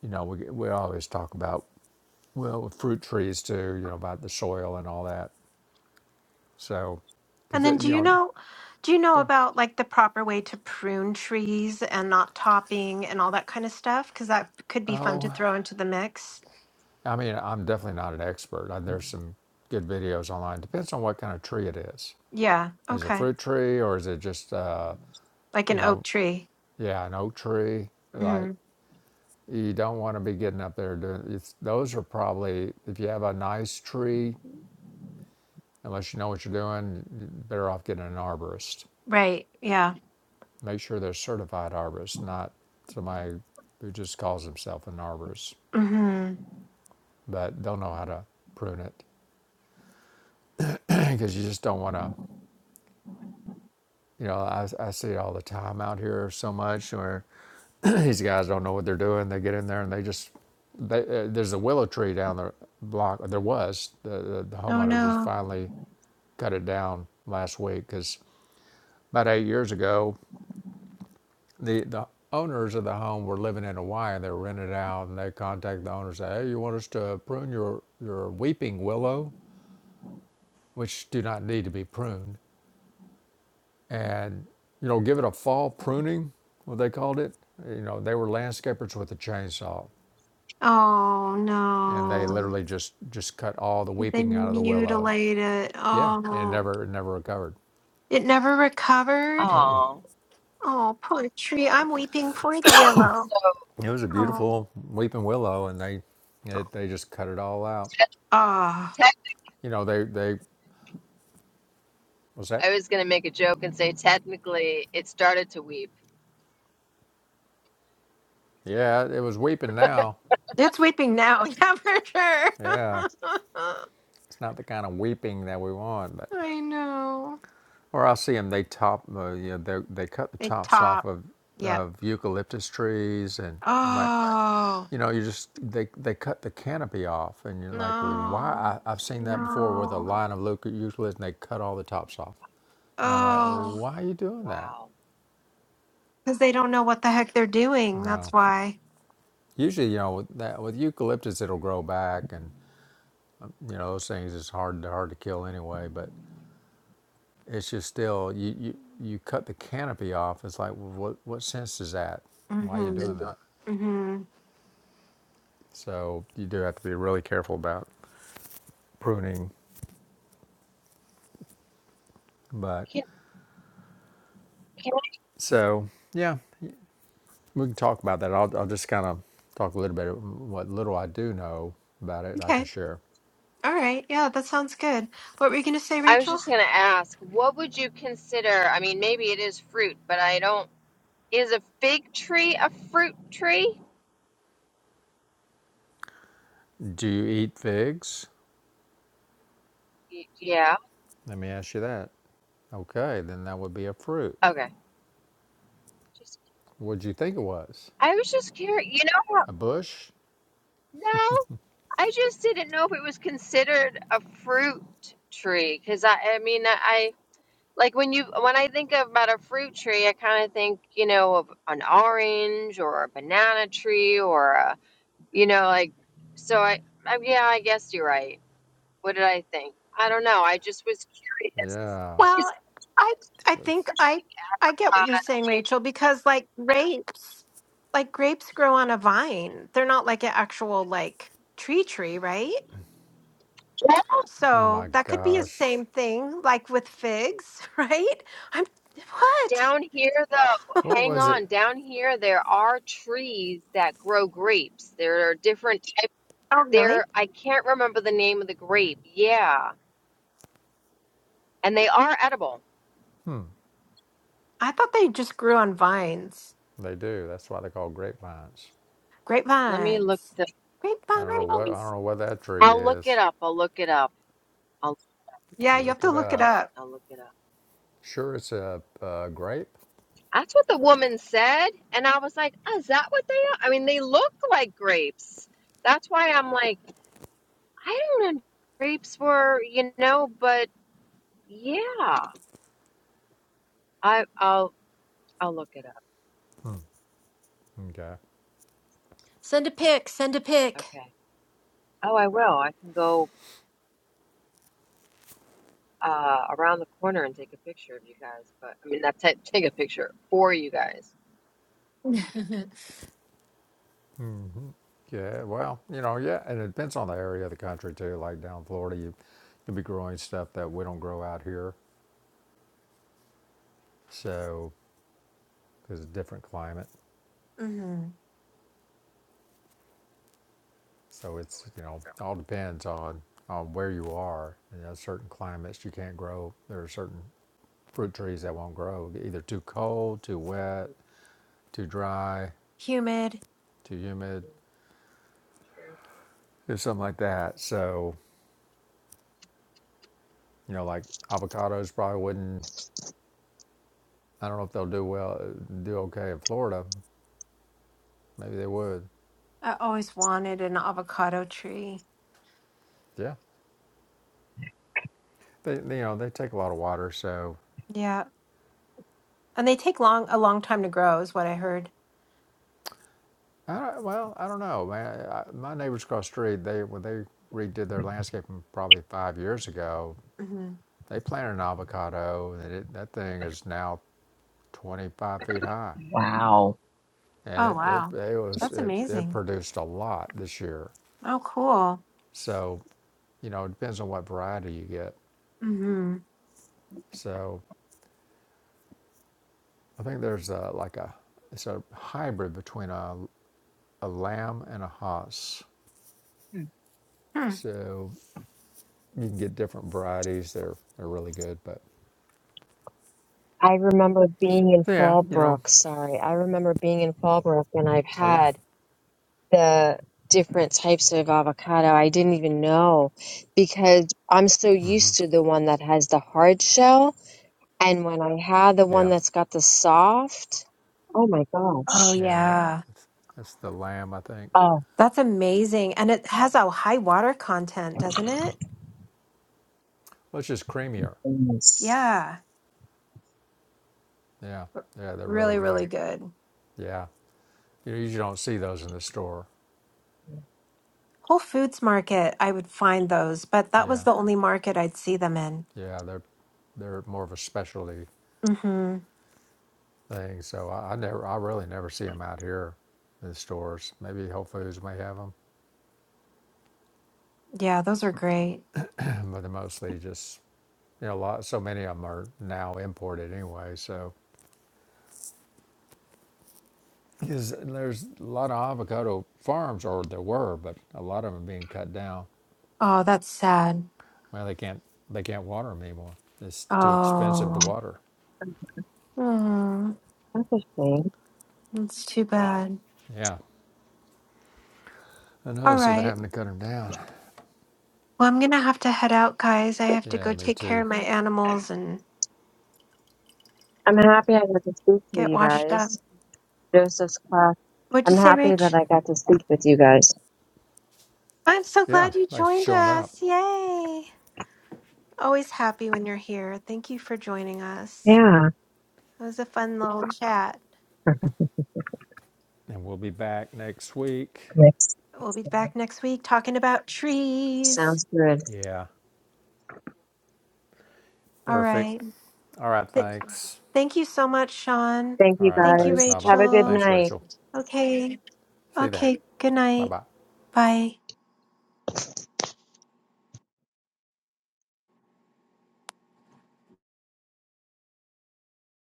B: you know we we always talk about well with fruit trees too. You know about the soil and all that. So,
A: And
B: because
A: then do
B: you
A: you
B: know,
A: know do you know
B: yeah.
A: about like the proper way to prune trees and not topping and all that kind of stuff cuz that could be fun to
B: Oh,
A: throw into the mix.
B: I mean, I'm definitely not an expert. Uh, There's some good videos online. Depends on what kind of tree it is.
A: Yeah,
B: Is it a
A: okay.
B: fruit tree or is it just, uh,
A: Like
B: you
A: an oak
B: know,
A: tree.
B: yeah, an oak tree? Like
A: Mhm.
B: you don't want to be getting up there doing. It's, those are probably if you have a nice tree, unless you know what you're doing, you're better off getting an arborist.
A: Right. Yeah.
B: Make sure they're certified arborists, not somebody who just calls himself an arborist
A: Mhm.
B: but don't know how to prune it. because you just don't want to. You know, I, I see it all the time out here so much where these guys don't know what they're doing. They get in there and they just they, uh, there's a willow tree down the block. There was the, the, the
A: Oh
B: homeowner just
A: no.
B: finally cut it down last week because about eight years ago, the the owners of the home were living in Hawaii and they were rented out and they contacted the owner and said, "Hey, you want us to prune your your weeping willow, which do not need to be pruned?" and you know give it a fall pruning what they called it you know they were landscapers with a chainsaw
A: Oh
B: and they
A: no.
B: literally just just cut all the
A: Did they
B: weeping out of the willow
A: mutilate it?
B: yeah and it
A: Oh.
B: never it never recovered
A: It never recovered?
D: oh,
A: Oh, poetry. I'm weeping for the willow.
D: so
B: it was a
A: Oh.
B: beautiful weeping willow and they it, they just cut it all out
D: te-
A: Ah,
D: tech,
B: you know they they was that
D: I was going to make a joke and say technically it started to weep.
B: yeah it was weeping now
A: it's weeping now. Yeah, for sure.
B: yeah it's not the kind of weeping that we want but
A: I know.
B: or i see them they top uh, you know they, they cut the
A: It
B: tops off
A: top.
B: of
A: Yep.
B: of eucalyptus trees and i'm like
A: Oh,
B: you know, you just they they cut the canopy off, and you're like, well,
A: no.
B: why? I, I've seen that before, where the
A: No.
B: line of eucalyptus, and they cut all the tops off, and I'm like, well,
A: Oh,
B: why are you doing that?
D: Wow.
A: because they don't know what the heck they're doing. That's
B: No,
A: why.
B: usually, you know, with that with eucalyptus, it'll grow back, and you know, those things is hard hard to kill anyway. But it's just still, you you you cut the canopy off. It's like, well, what what sense is that?
A: Mm
B: Why are
A: hmm.
B: you doing that?
A: Mm hmm.
B: So you do have to be really careful about pruning, but
D: Can, can,
B: so yeah. We can talk about that. I'll, I'll just kind of talk a little bit of what little I do know about it. I can
A: Okay.
B: share.
A: All right. Yeah, that sounds good. What were you going to say,
D: I was
A: Rachel?
D: just going to ask, what would you consider? I mean, maybe it is fruit, but I don't. Is a fig tree a fruit tree?
B: Do you eat figs?
D: Y- Yeah.
B: Let me ask you that. Okay, then that would be a fruit.
D: Okay. Just,
B: What'd you think it was?
D: I was just curious. You know how
B: A bush?
D: No, I just didn't know if it was considered a fruit tree because I, I mean, I, I like when you when I think about a fruit tree, I kind of think you know of an orange or a banana tree or a you know like so I, I yeah I guess you're right. What did I think? I don't know. I just was curious.
B: Yeah.
A: Well,
D: It's,
A: I I think
B: That's.
A: I I get what you're saying,
D: uh,
A: Rachel, because like grapes, like grapes grow on a vine. They're not like an actual like tree tree, right?
D: I mean,
B: Oh
A: So
B: my
A: that could be a
B: gosh.
A: same thing like with figs, right? I'm what?
D: down here though,
B: What
D: hang
B: was it?
D: on. Down here there are trees that grow grapes. There are different
A: Oh, really?
D: There, I can't remember the name of the grape. Yeah, and they are edible.
A: I thought they just grew on vines.
B: They do. That's why they call grapevines.
D: Let me look
A: Grapevines.
D: the.
B: I don't know what. I don't
A: Grapevines.
B: know what that tree
D: I'll look it
B: is.
D: up. I'll look it up. I'll
A: Yeah, you have
B: Look
A: to
B: it
A: look it
B: up.
A: up.
D: I'll look it up.
B: Sure, it's a, a grape.
D: That's what the woman said, and I was like, "Oh, "Is that what they are?" I mean, they look like grapes. That's why I'm like, I don't know. Grapes were, you know, but yeah, I I'll I'll look it up.
B: Okay.
A: Send a pic, send a pic.
D: Okay. Oh, I will. I can go uh around the corner and take a picture of you guys. But I mean, not ta take a picture for you guys.
B: hmm Yeah, well, you know, yeah, and it depends on the area of the country too. Like down in Florida, you you'll be growing stuff that we don't grow out here, so because it's a different climate.
A: hmm
B: So it's you know all depends on on where you are. You know, certain climates you can't grow. There are certain fruit trees that won't grow, either too cold, too wet,
D: Mm-hmm.
B: too dry,
A: Humid.
B: too humid, or something like that. So you know, like avocados probably wouldn't. I don't know if they'll do well, do okay in Florida, Maybe they would.
A: I always wanted an avocado tree.
B: Yeah. They, you know, they take a lot of water, so
A: Yeah. And they take long a long time to grow is what I heard.
B: I well, I don't know, man. I, my neighbors across the street, they when they redid their landscaping probably five years ago,
A: hmm
B: they planted an avocado, and it, that thing is now 25 feet high,
D: all
B: and
A: Oh
B: it it,
A: wow.
B: it was
A: That's
B: it, it
A: amazing.
B: produced a lot this year.
A: Oh cool.
B: So, you know, it depends on what variety you get.
A: hmm
B: So, I think there's a, like a it's a hybrid between a a lamb and a hoss.
D: Hmm.
A: Hmm.
B: So You can get different varieties. They're they're really good, but
D: I remember being in
B: yeah, you know.
D: Fallbrook. Sorry, I remember being in Fallbrook, and I've
B: Oh yeah,
D: had the different types of avocado. I didn't even know because I'm so
B: mm-hmm.
D: used to the one that has the hard shell, and when I had the one
B: yeah,
D: that's got the soft, oh my
A: Oh
D: gosh,
B: yeah.
A: yeah.
B: It's, it's the lamb, I think.
D: oh
A: That's amazing. And it has a high water content, doesn't it?
B: Well, it's just creamier.
D: goodness,
A: Yeah.
B: Yeah,
A: R-
B: yeah, they're really
A: Really, really
B: good.
A: good.
B: Yeah, you usually don't see those in the store.
A: Whole Foods Market, I would find those, but that was
B: Yeah,
A: the only market I'd see them in.
B: yeah, they're they're more of a specialty
A: hmm
B: thing. So I, I never, I really never see them out here in the stores. Maybe Whole Foods may have them,
A: Yeah, those are great.
B: but they're mostly just you know, a lot. So many of them are now imported anyway. So Because there's a lot of avocado farms, or there were, but a lot of them are being cut down.
A: Oh, that's sad.
B: Well, they can't they can't water them anymore. It's too expensive to
A: Oh.
B: water.
A: Hmm.
D: that's a shame.
A: That's too bad.
B: Yeah, I know.
A: All
B: So they're
A: right.
B: having to cut them down.
A: Well, I'm gonna have to head out, guys. I have to
B: Yeah,
A: go
B: me
A: take care
B: too.
A: of my animals and
D: I'm happy I got to speak to
A: get
D: you
A: washed up.
D: guys. Joseph's class.
A: What'd you
D: I'm
A: say,
D: happy
A: Rach?
D: that I got to speak with you guys.
A: I'm so
B: Yeah,
A: glad you
B: thanks for
A: joined
B: showing up,
A: us. Yay! Always happy when you're here. Thank you for joining us.
D: Yeah.
A: It was a fun little chat.
B: and we'll be back next week.
D: Yes.
A: We'll be back next week talking about trees.
D: Sounds good.
B: Yeah,
A: All
B: perfect.
A: right.
B: All right,
A: Th-
B: thanks.
A: thank you so much, Sean.
D: Thank
B: All
D: you
B: right,
A: Thank you,
B: thanks,
D: guys.
B: Nava.
D: Have a good
A: Rachel.
B: Thanks,
D: night.
B: Rachel.
A: Okay.
B: See you then.
A: Okay. Good
B: Bye
A: night.
B: bye.
A: Bye.